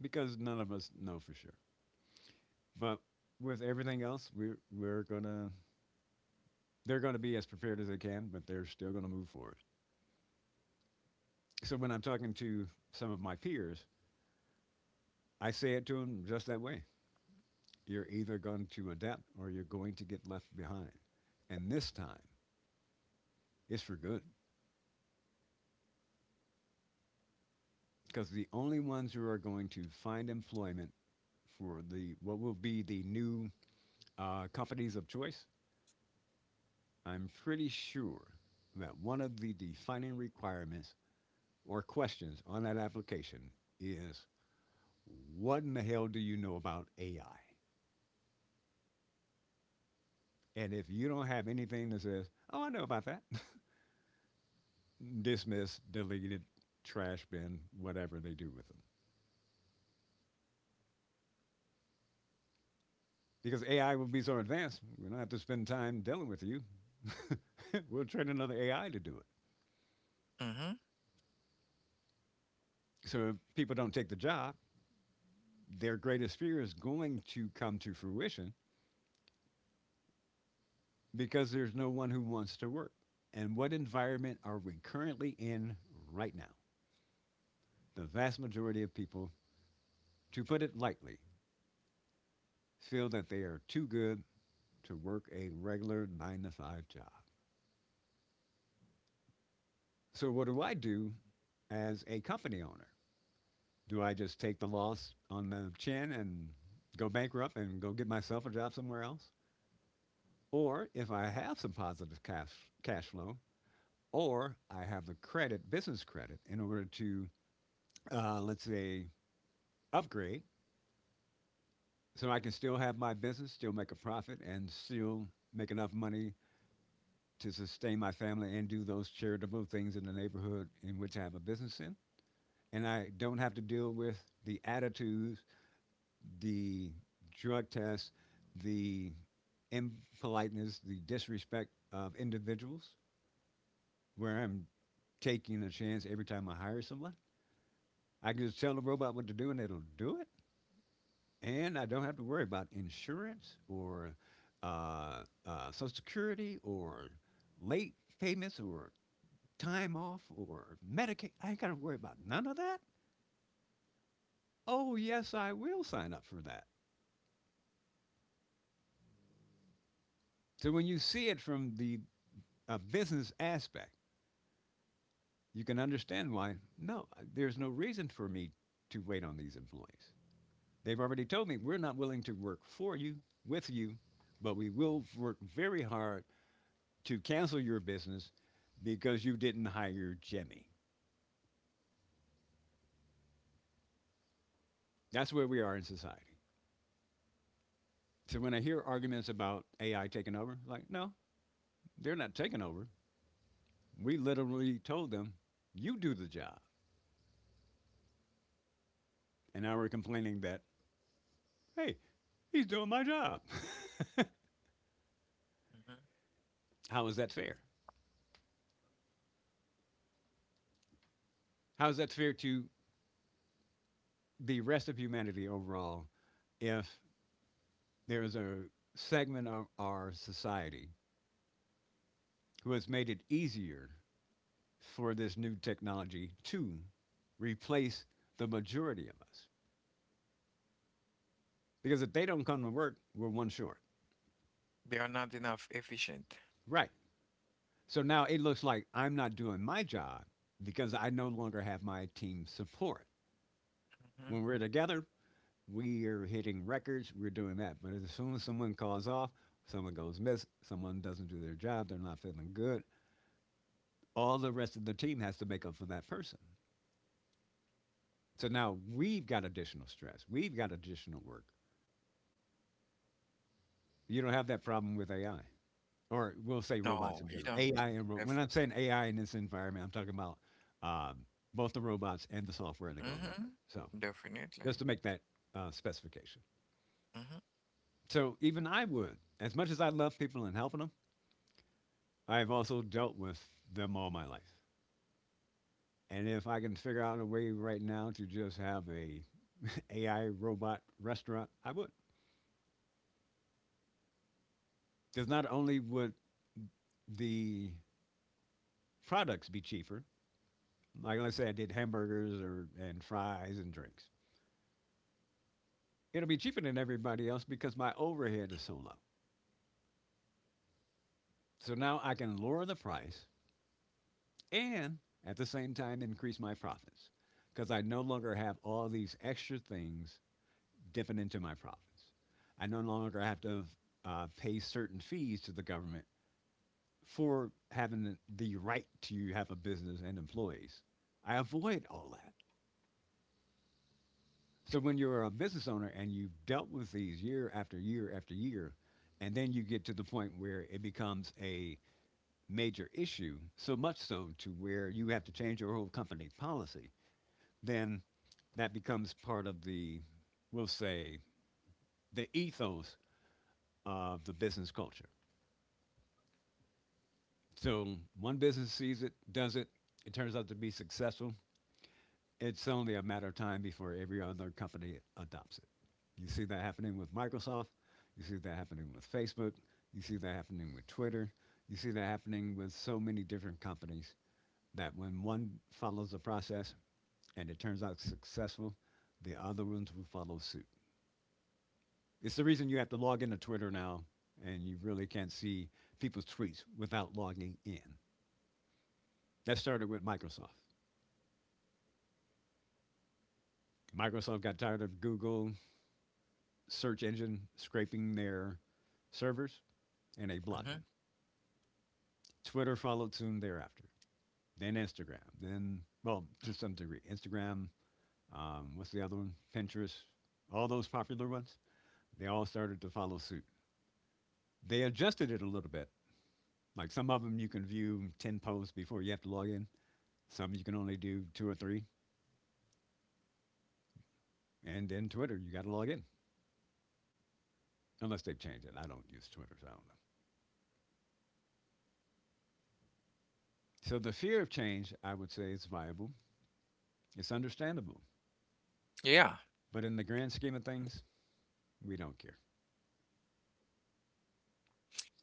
Speaker 3: because none of us know for sure. But with everything else, we're gonna they're gonna be as prepared as they can, but they're still gonna move forward. So when I'm talking to some of my peers, I say it to them just that way. You're either going to adapt or you're going to get left behind. And this time, it's for good because the only ones who are going to find employment for the what will be the new companies of choice, I'm pretty sure that one of the defining requirements or questions on that application is what in the hell do you know about AI? And if you don't have anything that says, oh, I know about that, [LAUGHS] dismiss, deleted, trash bin, whatever they do with them. Because AI will be so advanced, we don't have to spend time dealing with you. [LAUGHS] We'll train another AI to do it.
Speaker 1: Mm. Hmm.
Speaker 3: So if people don't take the job, their greatest fear is going to come to fruition because there's no one who wants to work. And what environment are we currently in right now? The vast majority of people, to put it lightly, feel that they are too good to work a regular nine to five job. So, what do I do as a company owner? Do I just take the loss on the chin and go bankrupt and go get myself a job somewhere else? Or if I have some positive cash flow, or I have the credit, business credit, in order to, let's say, upgrade so I can still have my business, still make a profit, and still make enough money to sustain my family and do those charitable things in the neighborhood in which I have a business in. And I don't have to deal with the attitudes, the drug tests, the impoliteness, the disrespect of individuals, where I'm taking a chance every time I hire someone. I can just tell the robot what to do and it'll do it. And I don't have to worry about insurance or uh, Social Security or late payments or time off or Medicaid. I ain't got to worry about none of that. Oh, yes, I will sign up for that. So when you see it from the business aspect, you can understand why. No, there's no reason for me to wait on these employees. They've already told me we're not willing to work for you, with you, but we will work very hard to cancel your business because you didn't hire Jimmy. That's where we are in society. So when I hear arguments about AI taking over, like, no, they're not taking over. We literally told them, you do the job. And now we're complaining that, hey, he's doing my job.
Speaker 1: Hmm.
Speaker 3: [LAUGHS] How is that fair? How is that fair to the rest of humanity overall if there is a segment of our society who has made it easier for this new technology to replace the majority of us. Because if they don't come to work, we're one short.
Speaker 1: They are not enough efficient.
Speaker 3: Right. So now it looks like I'm not doing my job because I no longer have my team support.
Speaker 1: Mm-hmm.
Speaker 3: When we're together, we are hitting records, we're doing that. But as soon as someone calls off, someone goes miss, someone doesn't do their job, they're not feeling good, all the rest of the team has to make up for that person. So now we've got additional stress. We've got additional work. You don't have that problem with AI, or we'll say robots
Speaker 1: No,
Speaker 3: in
Speaker 1: you
Speaker 3: general.
Speaker 1: don't.
Speaker 3: When
Speaker 1: Def
Speaker 3: I'm saying AI in this environment, I'm talking about um, both the robots and the software that goes with it.
Speaker 1: mhm.
Speaker 3: So
Speaker 1: Definitely.
Speaker 3: just to make that specification.
Speaker 1: Mhm,
Speaker 3: So even I would, as much as I love people and helping them, I've also dealt with them all my life. And if I can figure out a way right now to just have a [LAUGHS] AI robot restaurant, I would. Because not only would the products be cheaper, like let's say I did hamburgers or and fries and drinks, it'll be cheaper than everybody else because my overhead is so low. So now I can lower the price and at the same time increase my profits because I no longer have all these extra things dipping into my profits. I no longer have to pay certain fees to the government for having the right to have a business and employees. I avoid all that. So when you're a business owner and you've dealt with these year after year after year, and then you get to the point where it becomes a major issue, so much so to where you have to change your whole company policy, then that becomes part of the, we'll say, the ethos of the business culture. So one business sees it, does it, it turns out to be successful, it's only a matter of time before every other company adopts it. You see that happening with Microsoft. You see that happening with Facebook. You see that happening with Twitter. You see that happening with so many different companies that when one follows a process and it turns out successful, the other ones will follow suit. It's the reason you have to log into Twitter now and you really can't see people's tweets without logging in. That started with Microsoft. Microsoft got tired of Google search engine scraping their servers, and they blocked them.
Speaker 1: mhm.
Speaker 3: Twitter followed soon thereafter. Then Instagram. Then, well, to some degree, Instagram. What's the other one? Pinterest. All those popular ones. They all started to follow suit. They adjusted it a little bit. Like some of them, you can view 10 posts before you have to log in. Some you can only do two or three. And then Twitter, you got to log in unless they've changed it. I don't use Twitter, so I don't know. So the fear of change, I would say, is viable. It's understandable.
Speaker 1: Yeah.
Speaker 3: But in the grand scheme of things, we don't care.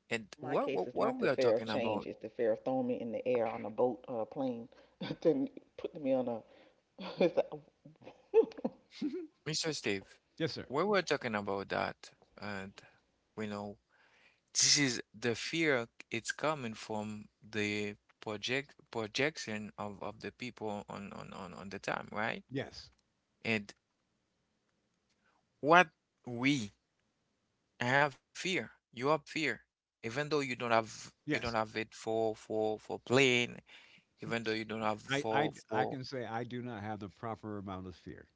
Speaker 1: And
Speaker 2: In my case is
Speaker 1: what
Speaker 2: not
Speaker 1: we
Speaker 2: the
Speaker 1: are
Speaker 2: fear of
Speaker 1: talking about,
Speaker 2: change. It's the fear of throwing me in the air on a boat or a plane. [LAUGHS] Then putting me on a, [LAUGHS] it's like,
Speaker 3: [LAUGHS]
Speaker 1: Mr. Steve,
Speaker 3: Yes, sir.
Speaker 1: what we're talking about that, and we know this is the fear, it's coming from the projection of the people on the time, right?
Speaker 3: Yes.
Speaker 1: And what we I have fear, you have fear, even though you don't
Speaker 3: Yes.
Speaker 1: have it for playing even though you don't have
Speaker 3: I, I,
Speaker 1: four
Speaker 3: I
Speaker 1: four
Speaker 3: can say I do not have the proper amount of fear.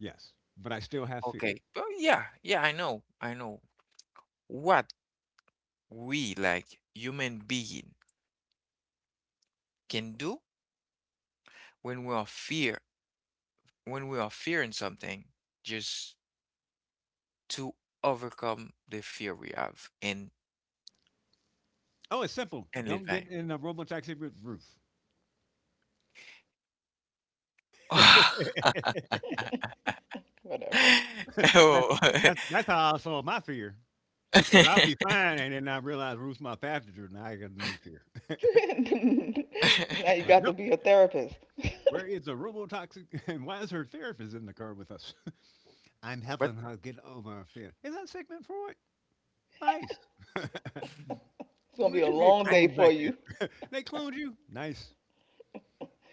Speaker 3: Yes. But I still have fear.
Speaker 1: okay, but yeah, yeah, I know, I know what we like human being can do when we are fear, when we are fearing something, just to overcome the fear we have
Speaker 3: Oh, it's simple.
Speaker 1: and live
Speaker 3: Don't
Speaker 1: by
Speaker 3: get in a robotaxi with roof.
Speaker 1: [LAUGHS]
Speaker 3: [LAUGHS]
Speaker 2: whatever.
Speaker 3: that's,
Speaker 1: oh.
Speaker 3: that's
Speaker 1: [LAUGHS]
Speaker 3: how I solve my fear. Because I'll be fine and then I realize Ruth's my passenger and I got a new fear. [LAUGHS]
Speaker 2: [LAUGHS] Now you
Speaker 3: I'm like,
Speaker 2: got to
Speaker 3: nope.
Speaker 2: be a therapist.
Speaker 3: Where is the robotoxic [LAUGHS] and why is her therapist in the car with us? [LAUGHS] I'm
Speaker 1: But
Speaker 3: helping her get over her fear. Is that Sigmund Freud? Nice.
Speaker 1: [LAUGHS]
Speaker 2: It's
Speaker 3: When
Speaker 2: going to be
Speaker 3: did
Speaker 2: a
Speaker 3: you get
Speaker 2: long
Speaker 1: I
Speaker 2: day
Speaker 3: cloned back
Speaker 2: for
Speaker 3: here?
Speaker 2: you.
Speaker 3: They cloned you? Nice.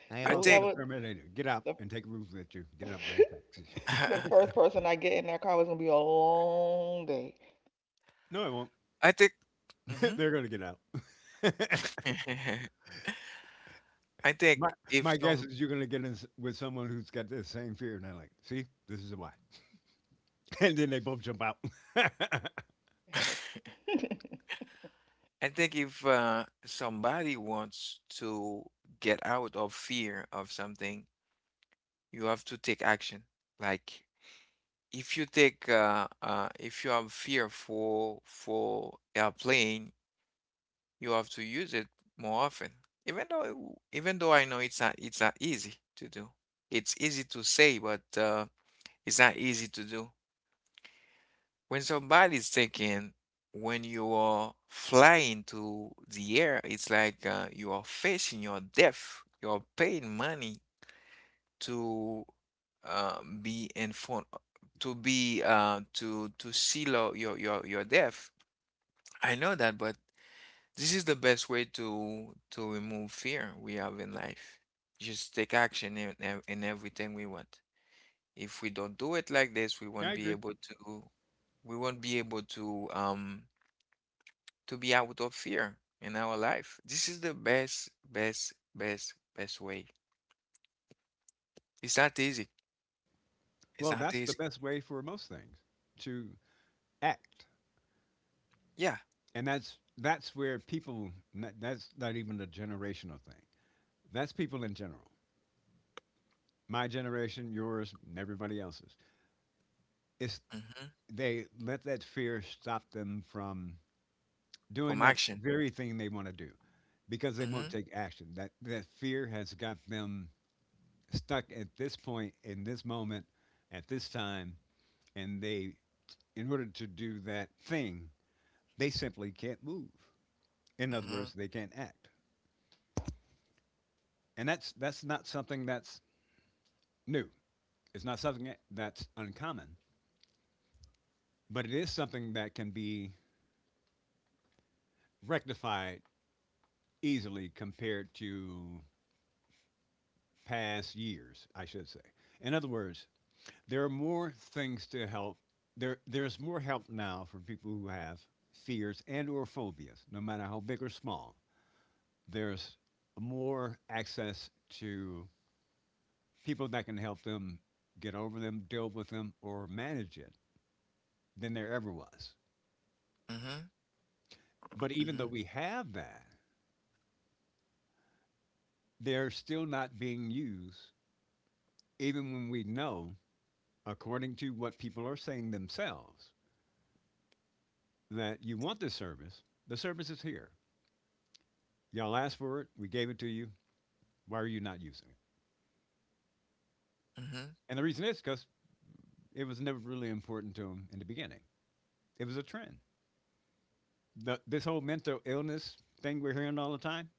Speaker 3: I
Speaker 2: You
Speaker 3: am
Speaker 1: I
Speaker 2: know,
Speaker 3: also the
Speaker 1: think
Speaker 2: whoever,
Speaker 3: Terminator. Get out
Speaker 2: the,
Speaker 3: and take roofs with you. Get out my taxi.
Speaker 2: [LAUGHS] the
Speaker 1: [LAUGHS]
Speaker 2: first person I get in that car was going to be a long day.
Speaker 3: [LAUGHS] No, I won't.
Speaker 1: I think
Speaker 3: [LAUGHS]
Speaker 1: mhm.
Speaker 3: They're going to get out.
Speaker 1: [LAUGHS] I think
Speaker 3: My,
Speaker 1: if
Speaker 3: my guess
Speaker 1: some
Speaker 3: is you're going to get in with someone who's got the same fear. And they're like, see, this is why. [LAUGHS] And then they both jump out.
Speaker 2: Yes.
Speaker 1: [LAUGHS]
Speaker 2: [LAUGHS]
Speaker 1: I think if somebody wants to get out of fear of something, you have to take action. Like if you take if you have fear for airplane, you have to use it more often. Even though even though I know it's not easy to do. It's easy to say, but it's not easy to do. When somebody's thinking, when you are flying to the air, it's like you are facing your death. You're paying money to be in front, to seal out your death. I know that, but this is the best way to remove fear we have in life. Just take action in, in everything we want. If we don't do it like this,
Speaker 3: [LAUGHS] I agree.
Speaker 1: to we won't be able to be out of fear in our life. This is the best, best, best, best way. It's not easy. It's
Speaker 3: Well,
Speaker 1: not
Speaker 3: that's the
Speaker 1: easy.
Speaker 3: best way for most things to act.
Speaker 1: Yeah.
Speaker 3: And that's where that's not even a generational thing. That's people in general. My generation, yours, and everybody else's. It's
Speaker 1: Mm-hmm.
Speaker 3: they let that fear stop them from doing
Speaker 1: From
Speaker 3: that
Speaker 1: action.
Speaker 3: very thing they want to do because they won't
Speaker 1: Mm-hmm.
Speaker 3: take action. That fear has got them stuck at this point in this moment at this time and they in order to do that thing, they simply can't move. In other
Speaker 1: Mm-hmm.
Speaker 3: words, they can't act. And that's not something that's new. It's not something that's uncommon, but it is something that can be rectified easily compared to past years, I should say. In other words, there are more things to help. There's more help now for people who have fears and or phobias, no matter how big or small. There's more access to people that can help them get over them, deal with them, or manage it than there ever was.
Speaker 1: Mm-hmm.
Speaker 3: But even
Speaker 1: Mm-hmm.
Speaker 3: though we have that, they're still not being used, even when we know, according to what people are saying themselves, that you want this service. The service is here. Y'all asked for it. We gave it to you. Why are you not using it?
Speaker 1: Mm-hmm.
Speaker 3: And the reason is because it was never really important to them in the beginning. It was a trend. This whole mental illness thing we're hearing all the time,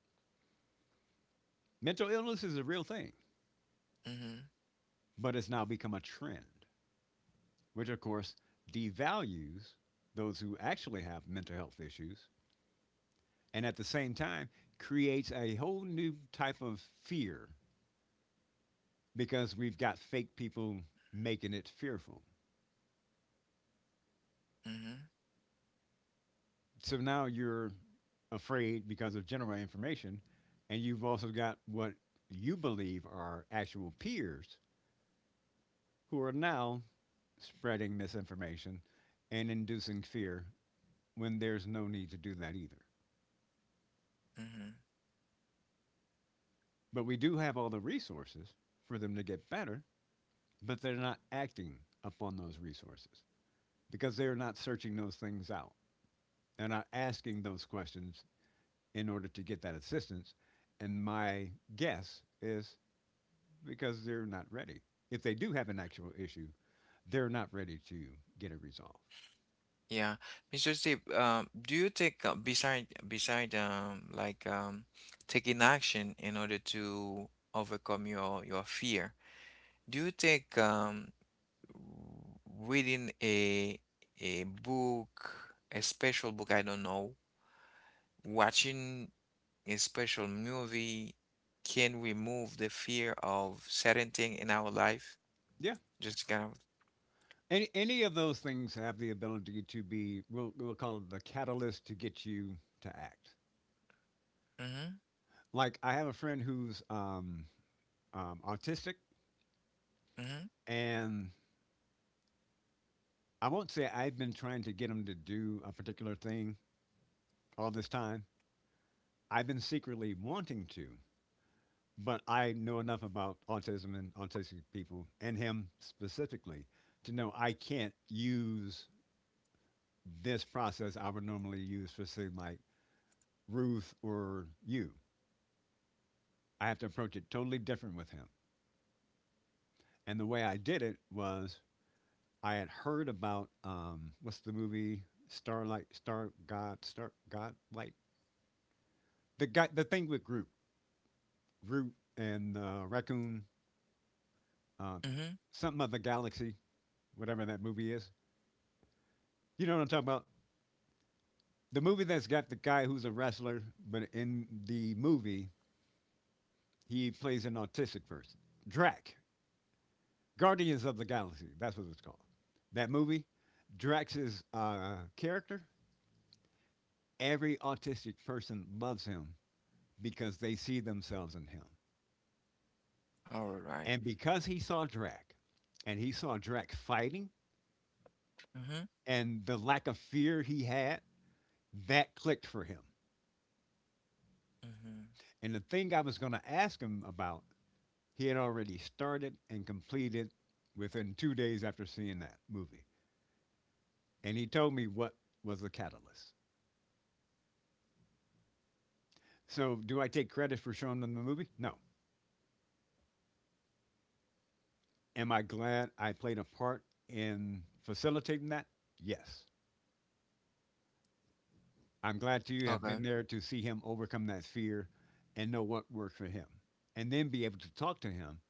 Speaker 3: mental illness is a real thing,
Speaker 1: Mm-hmm.
Speaker 3: but it's now become a trend, which of course devalues those who actually have mental health issues and at the same time creates a whole new type of fear because we've got fake people making it fearful.
Speaker 1: Mm-hmm.
Speaker 3: So now you're afraid because of general information, and you've also got what you believe are actual peers who are now spreading misinformation and inducing fear when there's no need to do that either.
Speaker 1: Mm-hmm.
Speaker 3: But we do have all the resources for them to get better, but they're not acting upon those resources because they're not searching those things out. They're not asking those questions in order to get that assistance. And my guess is because they're not ready. If they do have an actual issue, they're not ready to get it resolved.
Speaker 1: Yeah. Mr. Steve, do you take beside like taking action in order to overcome your fear? Do you take reading a book, a special book, I don't know, watching a special movie can remove the fear of certain thing in our life.
Speaker 3: Yeah.
Speaker 1: Just kind of,
Speaker 3: Any of those things have the ability to we'll call it the catalyst to get you to act.
Speaker 1: mm-hmm,
Speaker 3: Like, I have a friend who's autistic,
Speaker 1: mm-hmm,
Speaker 3: and I won't say I've been trying to get him to do a particular thing all this time. I've been secretly wanting to, but I know enough about autism and autistic people and him specifically to know I can't use this process I would normally use for something like Ruth or you. I have to approach it totally different with him. And the way I did it was I had heard about what's the movie Starlight, Star God, Star God Light, the guy, the thing with Groot, Groot and Raccoon, uh,
Speaker 1: mm-hmm.
Speaker 3: something of the galaxy, whatever that movie is. You know what I'm talking about? The movie that's got the guy who's a wrestler, but in the movie he plays an autistic person. Drac. Guardians of the Galaxy. That's what it's called. That movie, Drax's character, every autistic person loves him because they see themselves in him.
Speaker 1: All right.
Speaker 3: And because he saw Drax and he saw Drax fighting
Speaker 1: Mm-hmm,
Speaker 3: and the lack of fear he had, that clicked for him.
Speaker 1: mm-hmm.
Speaker 3: And the thing I was going to ask him about, he had already started and completed within 2 days after seeing that movie. And he told me what was the catalyst. So, do I take credit for showing them the movie? No. Am I glad I played a part in facilitating that? Yes. I'm glad to have
Speaker 1: Okay.
Speaker 3: been there to see him overcome that fear and know what worked for him. And then be able to talk to him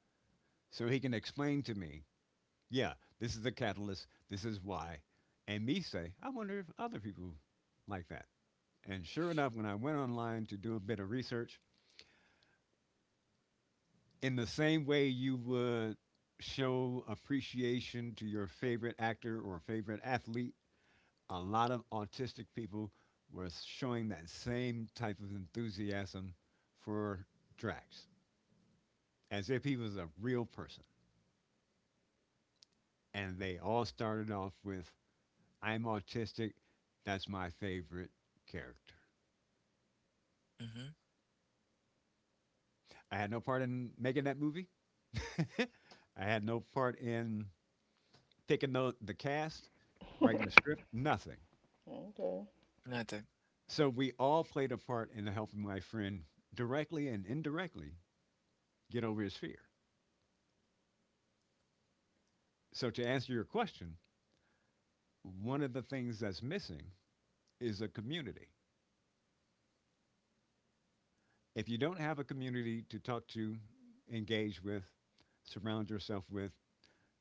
Speaker 3: so he can explain to me, yeah, this is the catalyst, this is why. And me say, I wonder if other people like that. And sure enough, when I went online to do a bit of research, in the same way you would show appreciation to your favorite actor or favorite athlete, a lot of autistic people were showing that same type of enthusiasm for Drax, as if he was a real person. And they all started off with, I'm autistic, that's my favorite character.
Speaker 1: Mm-hmm.
Speaker 3: I had no part in making that movie. [LAUGHS] I had no part in picking the cast, writing the script, nothing.
Speaker 2: Okay.
Speaker 1: Nothing.
Speaker 3: So we all played a part in helping my friend directly and indirectly get over his fear. So to answer your question, one of the things that's missing is a community. If you don't have a community to talk to, engage with, surround yourself with,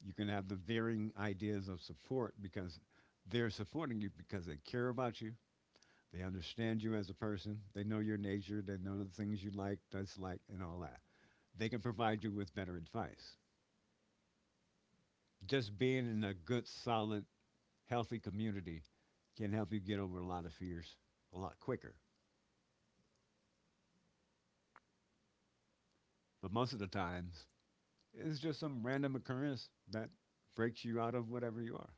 Speaker 3: you can have the varying ideas of support because they're supporting you because they care about you, they understand you as a person, they know your nature, they know the things you like, dislike, and all that. They can provide you with better advice. Just being in a good, solid, healthy community can help you get over a lot of fears a lot quicker. But most of the times, it's just some random occurrence that breaks you out of whatever you are.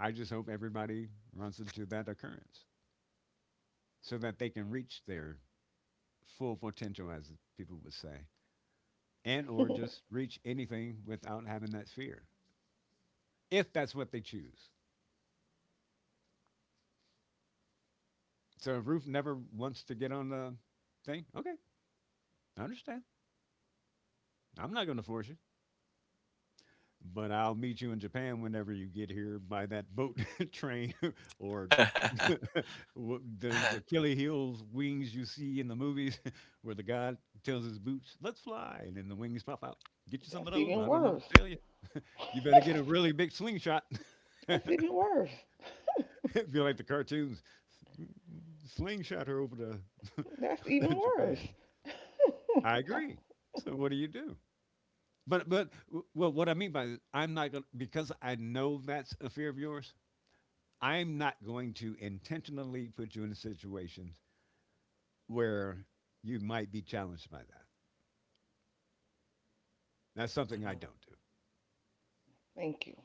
Speaker 3: I just hope everybody runs into that occurrence so that they can reach their full potential, as people would say, and or just
Speaker 2: [LAUGHS]
Speaker 3: reach anything without having that fear, if that's what they choose. So if Ruth never wants to get on the thing, okay, I understand. I'm not going to force you, but I'll meet you in Japan whenever you get here by that boat, [LAUGHS] train, [LAUGHS] or [LAUGHS]
Speaker 1: [LAUGHS]
Speaker 3: Those Achilles heels wings you see in the movies [LAUGHS] where the guy tells his boots, let's fly, and then the wings pop out. Get you some
Speaker 2: That's
Speaker 3: of those.
Speaker 2: even
Speaker 3: I don't know
Speaker 2: worse.
Speaker 3: what to tell you. You better get a
Speaker 2: [LAUGHS]
Speaker 3: really big slingshot. [LAUGHS] If
Speaker 2: That's even worse.
Speaker 3: you like the cartoons, slingshot her over
Speaker 2: That's even
Speaker 3: to [LAUGHS]
Speaker 2: worse.
Speaker 3: Japan. I agree.
Speaker 2: [LAUGHS]
Speaker 3: So what do you do? But well, what I mean by this, I'm not going to because I know that's a fear of yours. I'm not going to intentionally put you in a situation where you might be challenged by that. That's something I
Speaker 1: Mm-hmm.
Speaker 3: don't do.
Speaker 2: Thank you.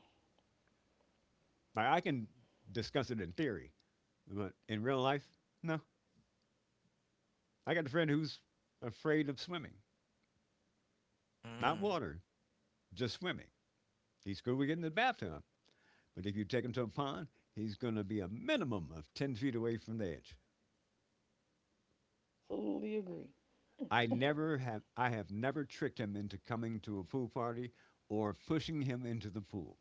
Speaker 3: Like I can discuss it in theory, but in real life, no. I got a friend who's afraid of swimming, not
Speaker 1: Mm.
Speaker 3: water, just swimming. He's cool with getting in the bathtub, but if you take him to a pond, he's going to be a minimum of 10 feet away from the edge.
Speaker 2: Absolutely agree.
Speaker 3: I have never tricked him into coming to a pool party or pushing him into the pool.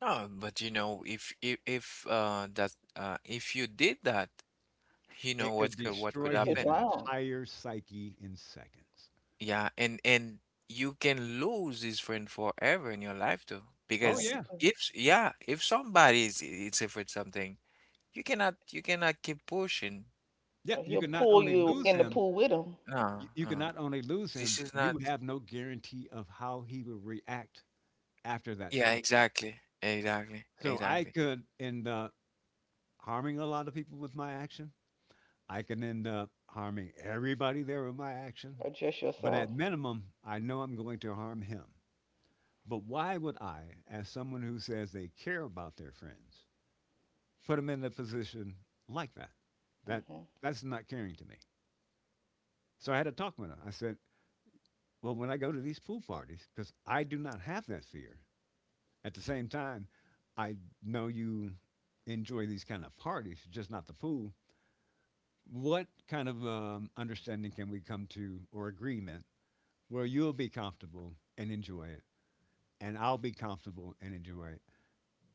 Speaker 1: Oh, but you know, if that if you did that, you know
Speaker 3: It could
Speaker 1: what could
Speaker 2: He
Speaker 3: destroy
Speaker 2: could
Speaker 3: his
Speaker 1: happen?
Speaker 2: drown,
Speaker 3: entire psyche in seconds.
Speaker 1: Yeah, and you can lose this friend forever in your life too.
Speaker 3: Oh
Speaker 2: or
Speaker 1: Because
Speaker 2: he
Speaker 3: yeah.
Speaker 2: could,
Speaker 1: if yeah, if somebody is afraid something, you cannot keep pushing.
Speaker 3: Yeah,
Speaker 2: or
Speaker 3: you
Speaker 2: he'll
Speaker 3: could not
Speaker 2: pull
Speaker 3: only
Speaker 2: you
Speaker 3: lose
Speaker 2: in the
Speaker 3: him,
Speaker 2: pool with him,
Speaker 1: No,
Speaker 3: you, you can
Speaker 1: no.
Speaker 3: not only lose
Speaker 1: This
Speaker 3: him,
Speaker 1: is not
Speaker 3: you have no guarantee of how he will react after that's
Speaker 1: yeah,
Speaker 3: happened.
Speaker 1: exactly. Exactly.
Speaker 3: So I
Speaker 1: Exactly.
Speaker 3: could end up harming a lot of people with my action. I can end up harming everybody there with my action.
Speaker 2: or just
Speaker 3: But at
Speaker 2: yourself.
Speaker 3: minimum, I know I'm going to harm him. But why would I, as someone who says they care about their friends, put them in a position like that? That
Speaker 2: Hmm.
Speaker 3: that's not caring to me. So I had a talk with her. I said, "Well, when I go to these pool parties, because I do not have that fear, at the same time, I know you enjoy these kind of parties, just not the pool. What kind of understanding can we come to or agreement where you'll be comfortable and enjoy it, and I'll be comfortable and enjoy it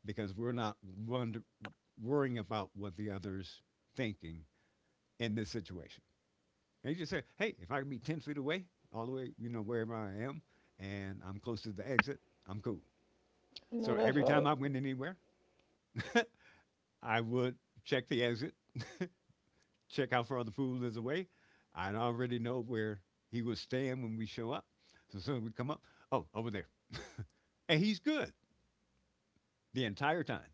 Speaker 3: because we're not wonder- worrying about what the other's thinking in this situation. And you just say, hey, if I can be 10 feet away, all the way, you know, wherever I am, and I'm close to the exit, I'm cool.
Speaker 2: No,
Speaker 3: So
Speaker 2: that's
Speaker 3: every time
Speaker 2: right.
Speaker 3: I went anywhere, I would check the exit check out for other fools is away. I already know where he was staying when we show up. So as soon as we come up, oh, over there. [LAUGHS] And he's good the entire time.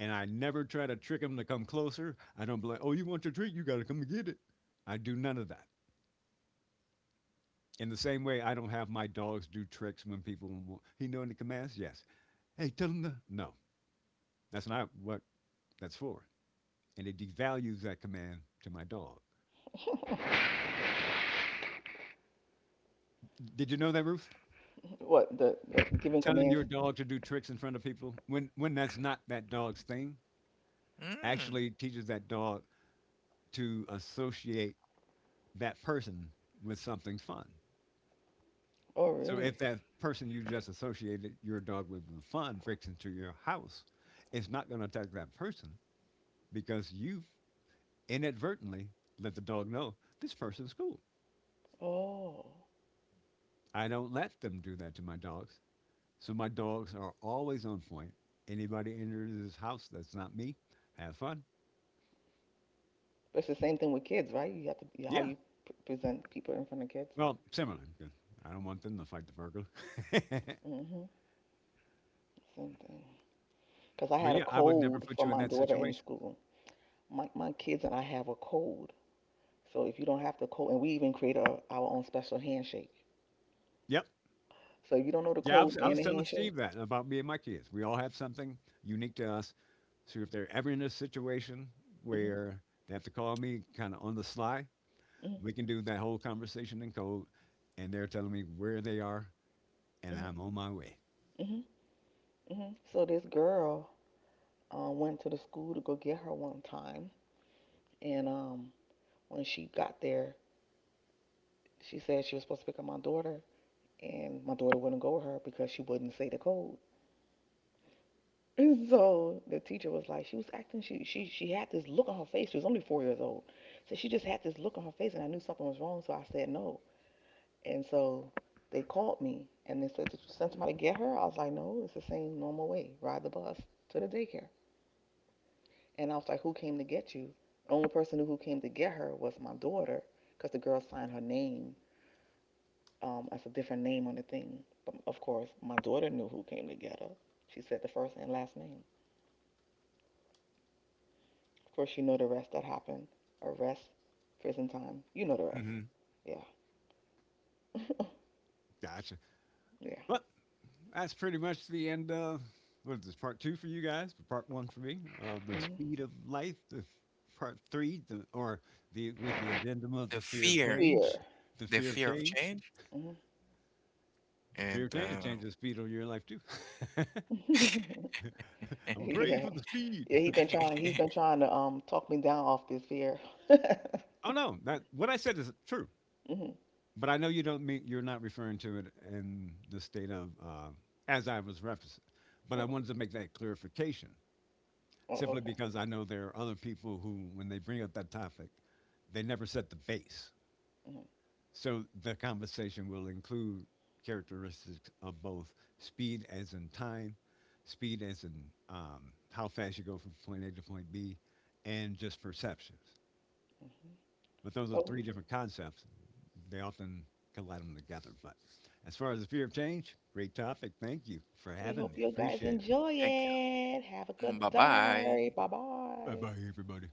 Speaker 3: And I never try to trick him to come closer. I don't be like, oh, you want your treat? You got to come and get it. I do none of that. In the same way, I don't have my dogs do tricks when people. Want. He know any commands? Yes. Hey, tell him the no. That's not what that's for. And it devalues that command to my dog. Did you know that, Ruth?
Speaker 2: What the giving
Speaker 3: Telling
Speaker 2: commands?
Speaker 3: your dog to do tricks in front of people when that's not that dog's thing
Speaker 1: Mm,
Speaker 3: actually teaches that dog to associate that person with something fun.
Speaker 2: Oh,
Speaker 3: So
Speaker 2: really?
Speaker 3: if that person you just associated your dog with the fun breaks into your house, it's not going to attack that person because you inadvertently let the dog know this person's cool.
Speaker 2: Oh,
Speaker 3: I don't let them do that to my dogs. So my dogs are always on point. Anybody enters this house that's not me, have fun.
Speaker 2: it's the same thing with kids, right? You have to how
Speaker 3: Yeah,
Speaker 2: you present people in front of kids.
Speaker 3: well, similar because I don't want them to fight the burglar. [LAUGHS]
Speaker 2: Hmm. Same thing. Cause I
Speaker 3: But,
Speaker 2: had a
Speaker 3: yeah, I would never
Speaker 2: code
Speaker 3: put
Speaker 2: for
Speaker 3: you in
Speaker 2: my
Speaker 3: that
Speaker 2: daughter in
Speaker 3: situation.
Speaker 2: school. My kids and I have a code. So if you don't have the code, and we even create our own special handshake.
Speaker 3: Yep.
Speaker 2: So you don't know the code
Speaker 3: I
Speaker 2: and
Speaker 3: was
Speaker 2: the
Speaker 3: telling
Speaker 2: handshake.
Speaker 3: Steve that about me and my kids. We all have something unique to us, so if they're ever in a situation
Speaker 2: Hmm.
Speaker 3: where they have to call me kinda on the sly,
Speaker 2: Hmm.
Speaker 3: we can do that whole conversation in code, and they're telling me where they are, and
Speaker 2: Hmm.
Speaker 3: I'm on my way.
Speaker 2: Hmm. Hmm. So this girl went to the school to go get her one time, and when she got there, she said she was supposed to pick up my daughter, and my daughter wouldn't go with her because she wouldn't say the code. [LAUGHS] And so the teacher was like, she was acting, she had this look on her face. She was only 4 years old, so she just had this look on her face, and I knew something was wrong. So I said no. And so they called me and they said, did you send somebody to get her? I was like, no, it's the same normal way. Ride the bus to the daycare. And I was like, who came to get you? The only person who came to get her was my daughter because the girl signed her name as a different name on the thing. But of course, my daughter knew who came to get her. She said the first and last name. Of course, you know the rest that happened. Arrest, prison time. You know the rest.
Speaker 3: Mhm.
Speaker 2: Yeah. [LAUGHS]
Speaker 3: Gotcha.
Speaker 2: Yeah.
Speaker 3: But that's pretty much the end of what is this part two for you guys, but part one for me. The
Speaker 2: Mhm.
Speaker 3: speed of life, the part three, or the with the addendum of the
Speaker 1: the
Speaker 3: fear of
Speaker 1: fear.
Speaker 3: change,
Speaker 2: Fear.
Speaker 3: the
Speaker 1: The
Speaker 3: fear of
Speaker 1: fear of
Speaker 3: change,
Speaker 1: change.
Speaker 3: the fear of
Speaker 1: And
Speaker 3: change will change the speed of your life too. [LAUGHS]
Speaker 2: Hmm. [LAUGHS]
Speaker 3: I'm
Speaker 2: [LAUGHS]
Speaker 1: [LAUGHS]
Speaker 3: afraid
Speaker 2: Yeah.
Speaker 3: for the speed.
Speaker 2: Yeah, he's been trying to talk me down off this here. [LAUGHS]
Speaker 3: Oh
Speaker 2: Hmm.
Speaker 3: no, that what I said is true, but I know you don't mean you're not referring to it in the state of as I was referencing, but I
Speaker 2: Oh,
Speaker 3: wanted to make that clarification
Speaker 2: oh,
Speaker 3: simply
Speaker 2: okay.
Speaker 3: because I know there are other people who, when they bring up that topic, they never set the base.
Speaker 2: Hmm.
Speaker 3: So the conversation will include characteristics of both speed as in time, speed as in how fast you go from point A to point B, and just perceptions.
Speaker 2: Hmm.
Speaker 3: But those are
Speaker 2: Well,
Speaker 3: three different concepts. They often collide them together. But as far as the fear of change, great topic. Thank you for
Speaker 2: we
Speaker 3: having
Speaker 2: hope
Speaker 3: me.
Speaker 2: you guys
Speaker 3: Appreciate it.
Speaker 2: enjoy
Speaker 1: thank you.
Speaker 2: it. Have a good
Speaker 1: Bye
Speaker 2: day.
Speaker 1: bye.
Speaker 2: Bye
Speaker 3: Bye
Speaker 2: bye.
Speaker 3: bye, everybody.